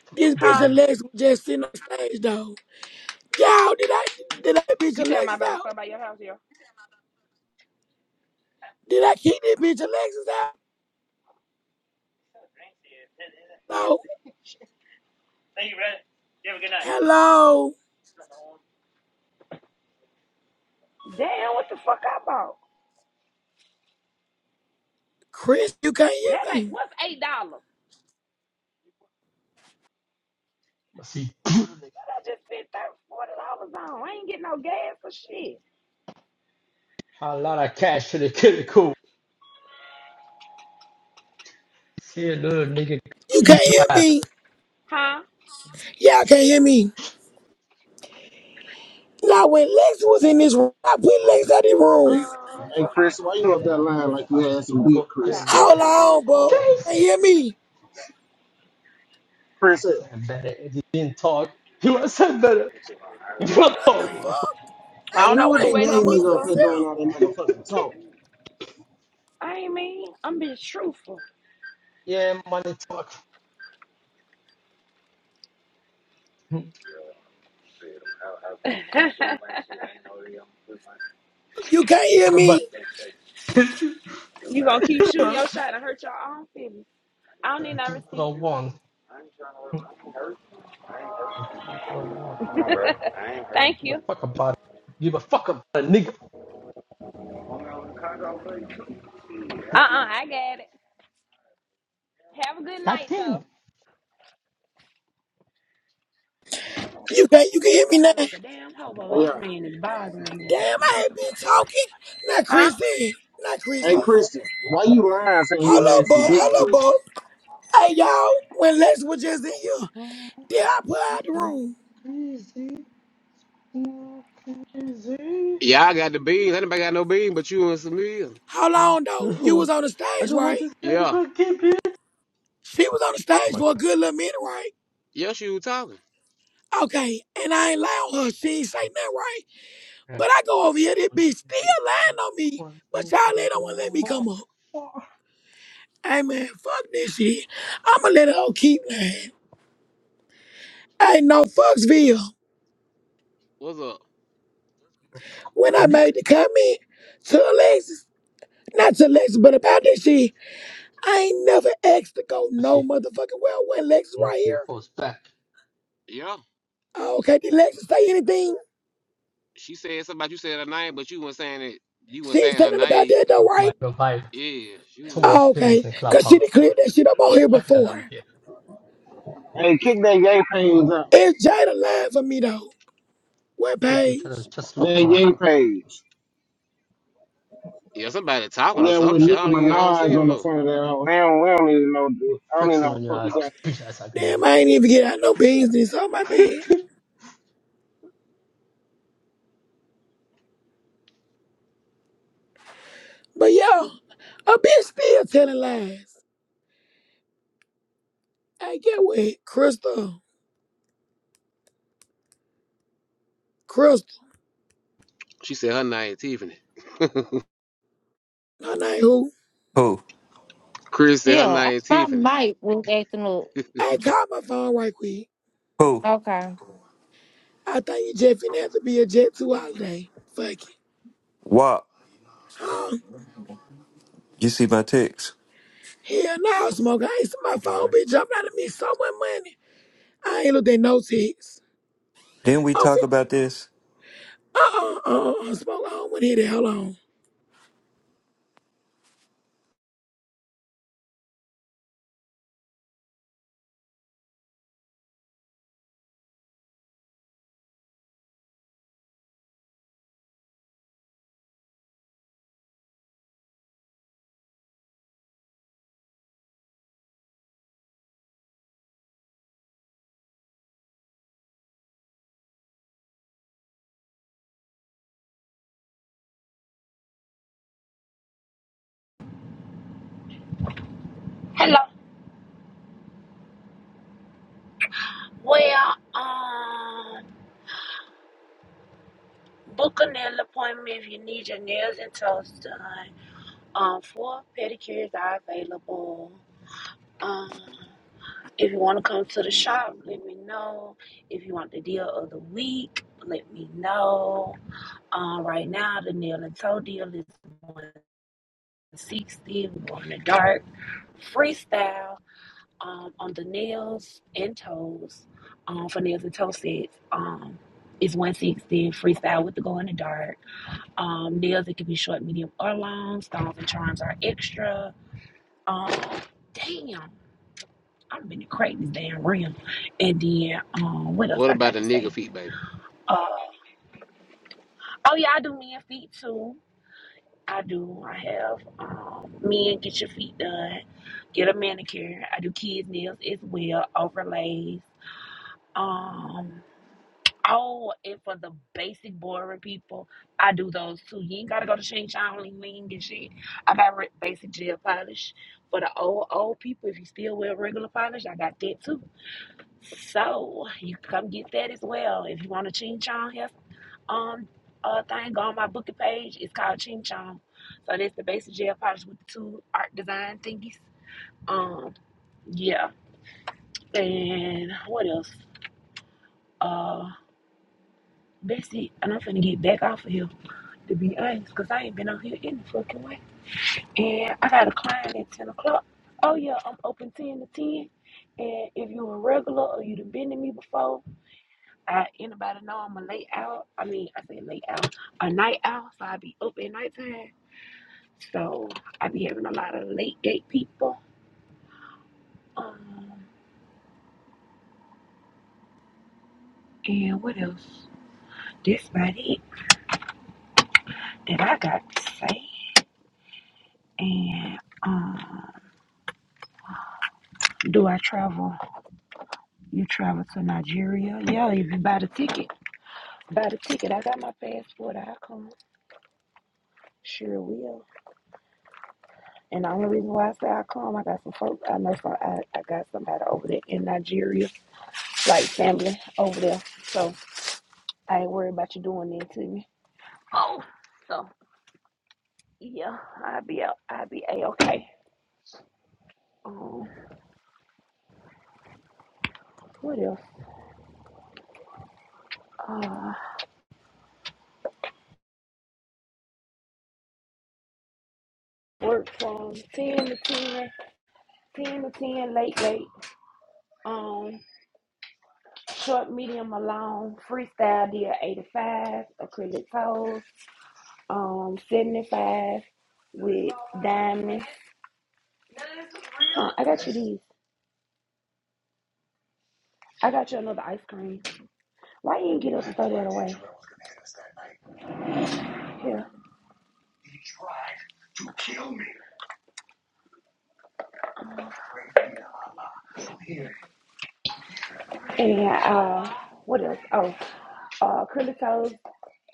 Fuck
This
Uber
bitch
Huh?
nigga.
Alexa was just sitting on stage though. Y'all, did I did I bitch
You i am
Alexis
about to
out?
stop by your house here?
Did I keep this bitch Alexis out? No. Hello,
Damn, what the fuck I bought?
Chris. You can't hear
That ain't
me.
what's eight dollars.
I'm a see. [LAUGHS] nigga.
What I just spent thirty forty dollars on. I ain't getting no gas or shit.
A lot of cash in the kitty cool. See a little nigga.
You
He's
can't
right.
hear me. Y'all can't hear me. Now when Lex was in this room, I put Lex out of the room.
Hey Chris, why
Hell
you up
Nah,
that line like you
I'm gonna
had
keep
some dick,
going to the
Chris?
Hold
nigga.
on, bro.
Chase!
Can't hear me.
I
Chris, hey,
said better if you didn't talk. You would have said better. You don't
What the
talk, mama.
fuck?
I
I
hey,
don't
who
know
know
was
what
I
that
you
ain't my
waiting
young
on me
nigga up
motherfucking
for.
here doing
self.
all that motherfucking talk?
I ain't mean, I'm being truthful.
Yeah, money talk. Talk
You can't hear
about
me.
You gonna keep shooting
it.
your shot and hurt your own feelings. I don't
Yeah,
need no
Do what I
receipt.
want. I do what I want.
Thank
Give a
you.
fuck about it. Give a fuck about it, nigga.
Uh uh I got it. Have a good
God
night
damn.
though.
You can't. You can hear me
I
now.
look like a damn hobo and this
Yeah.
man is bothering me.
Damn, I ain't been talking. Not
Huh?
Christy. Not
Hey
Christy.
Chris, why you lying saying you
Hello,
had some
Bo.
dick,
Hello, Bo.
Chris?
Hey, y'all. When Lex was just in here, did I put her out the
Oh,
room?
crazy. Not easy.
Yeah, I got the beans. Anybody got no beans but you and Samir.
How long though? You
So,
was on the
I
stage,
don't want
right?
this stay in
Yeah.
the keep it.
She was on the stage
My
for a good little minute, right?
Yeah, she was talking.
Okay, and I ain't lying on her. She ain't say
God,
nothing, right? But
crack.
I go over here, this
One,
bitch
two,
still lying
one,
on me.
one,
But
move
y'all ain't
the
don't want to let me
mouth.
come up.
Fuck
Hey man, fuck this shit. I'ma let it all keep playing. I ain't no fucksville.
What's up?
You fuck about
When
the
I
dick.
made the comment to Alexis, not to Alexis, but about this shit, I ain't never asked to go no
Pussy,
motherfucking well when Alexis
make
right
you
here.
force back.
Yeah.
Oh, okay, did Alexis say anything?
She said something about you said her name, but you weren't saying it. You weren't
She ain't
saying
say
her
nothing about
name.
that though,
Look,
right?
my revive.
Yeah, she was
Too
in.
much
Oh,
famous
okay,
in
cause she done
clubhouse.
cleared that shit up on here
Lucky that I'm
before.
here.
Hey, kick that gay page up.
It's Jada lying for me though. What
Don't be jealous.
page?
Just look,
That gay
motherfucker.
page.
Yeah, somebody talking or
Yeah,
some
with
shit.
Nicki
I don't even, I don't
Minaj
see him
on the
though.
front of that hoe. Man, we don't need to know.
We're
dick. I don't even
flexing
know
on your
what the fuck
ass,
you got
bitch ass ugly nigga.
Damn, I ain't even get out no business on my bed. But yo, a bitch still telling lies. Hey, get with it. Crystal. Crystal.
She said her name Tiffany. [LAUGHS]
My name who?
Who?
Chris
[LAUGHS]
said her
yeah,
name
I-
Tiffany.
my mic was acting up.
Hey, call my phone right quick.
Who?
Okay.
I think you just finna have to be a jet two holiday. Fuck it.
What?
Huh?
You see my text.
Hell no, smoker. I ain't see my phone be jumping out of me so much money. I ain't looked at no text.
Didn't we
I'm finna,
talk about this?
uh-uh, uh-uh, uh, smoker. I don't wanna hear that. Hold on.
Well, um, book a nail appointment if you need your nails and toes done. Um, four pedicures are available. Um, if you want to come to the shop, let me know. If you want the deal of the week, let me know. Um, right now the nail and toe deal is one. 60. We're going in the dark. Freestyle um, on the nails and toes um, for nails and toe sets. Um, is 160 freestyle with the go in the dark. Um, nails it can be short, medium, or long. Stones and charms are extra. Um, damn, I've been to crack this damn rim. And then um, what else
What
I
about
got
the
to
nigga
say?
feet, baby?
Uh, oh yeah, I do men feet too. I do. I have um, men get your feet done, get a manicure. I do kids nails as well, overlays. Um, oh, and for the basic boring people, I do those too. You ain't gotta go to Shane Ling Ling and shit. I got re- basic gel polish for the old old people. If you still wear regular polish, I got that too. So you can come get that as well if you want a ching chong um uh thing on my booking page. It's called Ching Chong. So that's the basic gel polish with the two art design thingies. Um, yeah. And what else? Uh that's it. And I'm finna get back off of here to be honest, because I ain't been on here any fucking way. And I got a client at ten o'clock. Oh yeah, I'm open ten to ten. And if you're a regular or you done been to me before, I anybody know I'm a late out. I mean I say late out, a night out, so I be up at nighttime. So I be having a lot of late date people. Um, and what else? This about it that I got to say. And um, do I travel? You travel to Nigeria? Yeah, if you buy the ticket. Buy the ticket. I got my passport. I come. Sure will. And the only reason why I say I come, I got some folks. I know some. I, I got somebody over there in Nigeria, like family over there. So I ain't worried about you doing that to me. Oh, so. Yeah, I'll be out. I'll be a okay. Um, what else? Uh, work from ten to ten, ten to ten, late, late. Um, short, medium, or long. Freestyle did eighty-five. Acrylic toes, um, seventy-five with diamonds. Uh, I got you these. I got you another ice cream. Why you didn't get up and throw that away? Here. And uh, what else? Oh, uh, acrylic toes,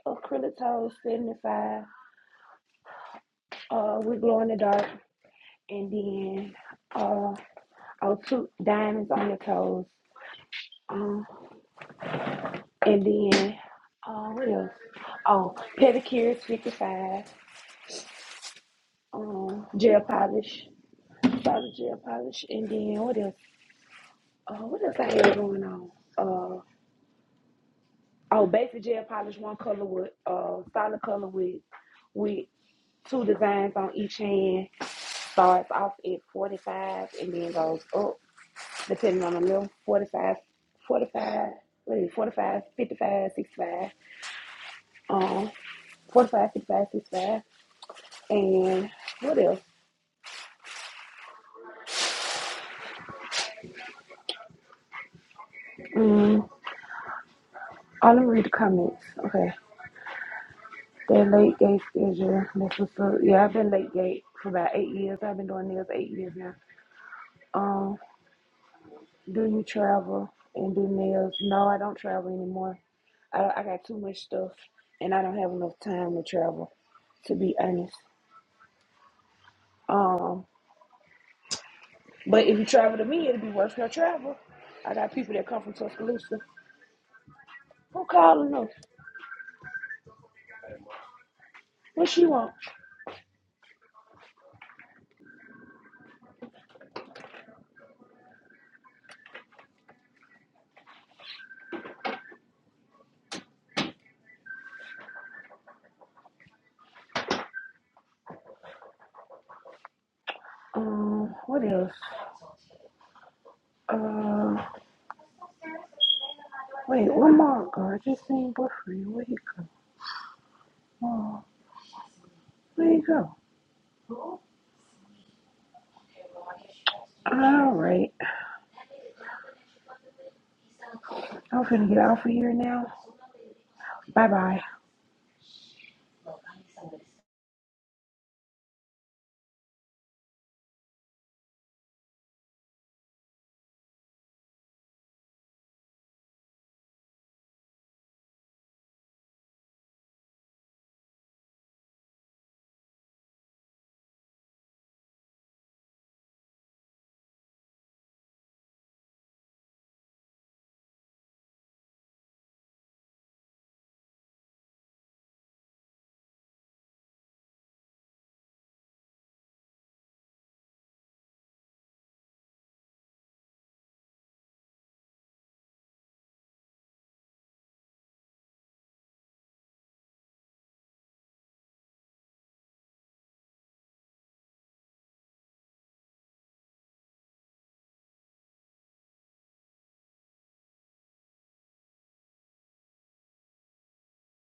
acrylic toes, seventy-five. Uh, we glow in the dark. and then uh, oh, two diamonds on your toes, um, and then uh, what else? Oh, pedicures, fifty-five, um, gel polish, solid gel polish, and then what else? Uh, what else I had going on? Uh, oh, basic gel polish, one color with uh, solid color with with two designs on each hand. Starts off at forty-five and then goes up. depending on the meal, forty five, forty five, 45, what is it, 45, fifty-five, sixty-five, um, 45, fifty-five, sixty-five, and what else? Mm, oh, let me read the comments. Okay. That late gate schedule, that's what's up. Yeah, I've been late gate for about eight years. I've been doing nails eight years now. Um, do you travel and do nails? No, I don't travel anymore. I, I got too much stuff and I don't have enough time to travel, to be honest. Um. But if you travel to me, it'll be worth your travel. I got people that come from Tuscaloosa. Who calling us? What she want? Um, what else? Uh, wait, one more girl. Just seen boyfriend. Where he go? Oh, where he go? All right, I'm finna get off of here now. Bye bye.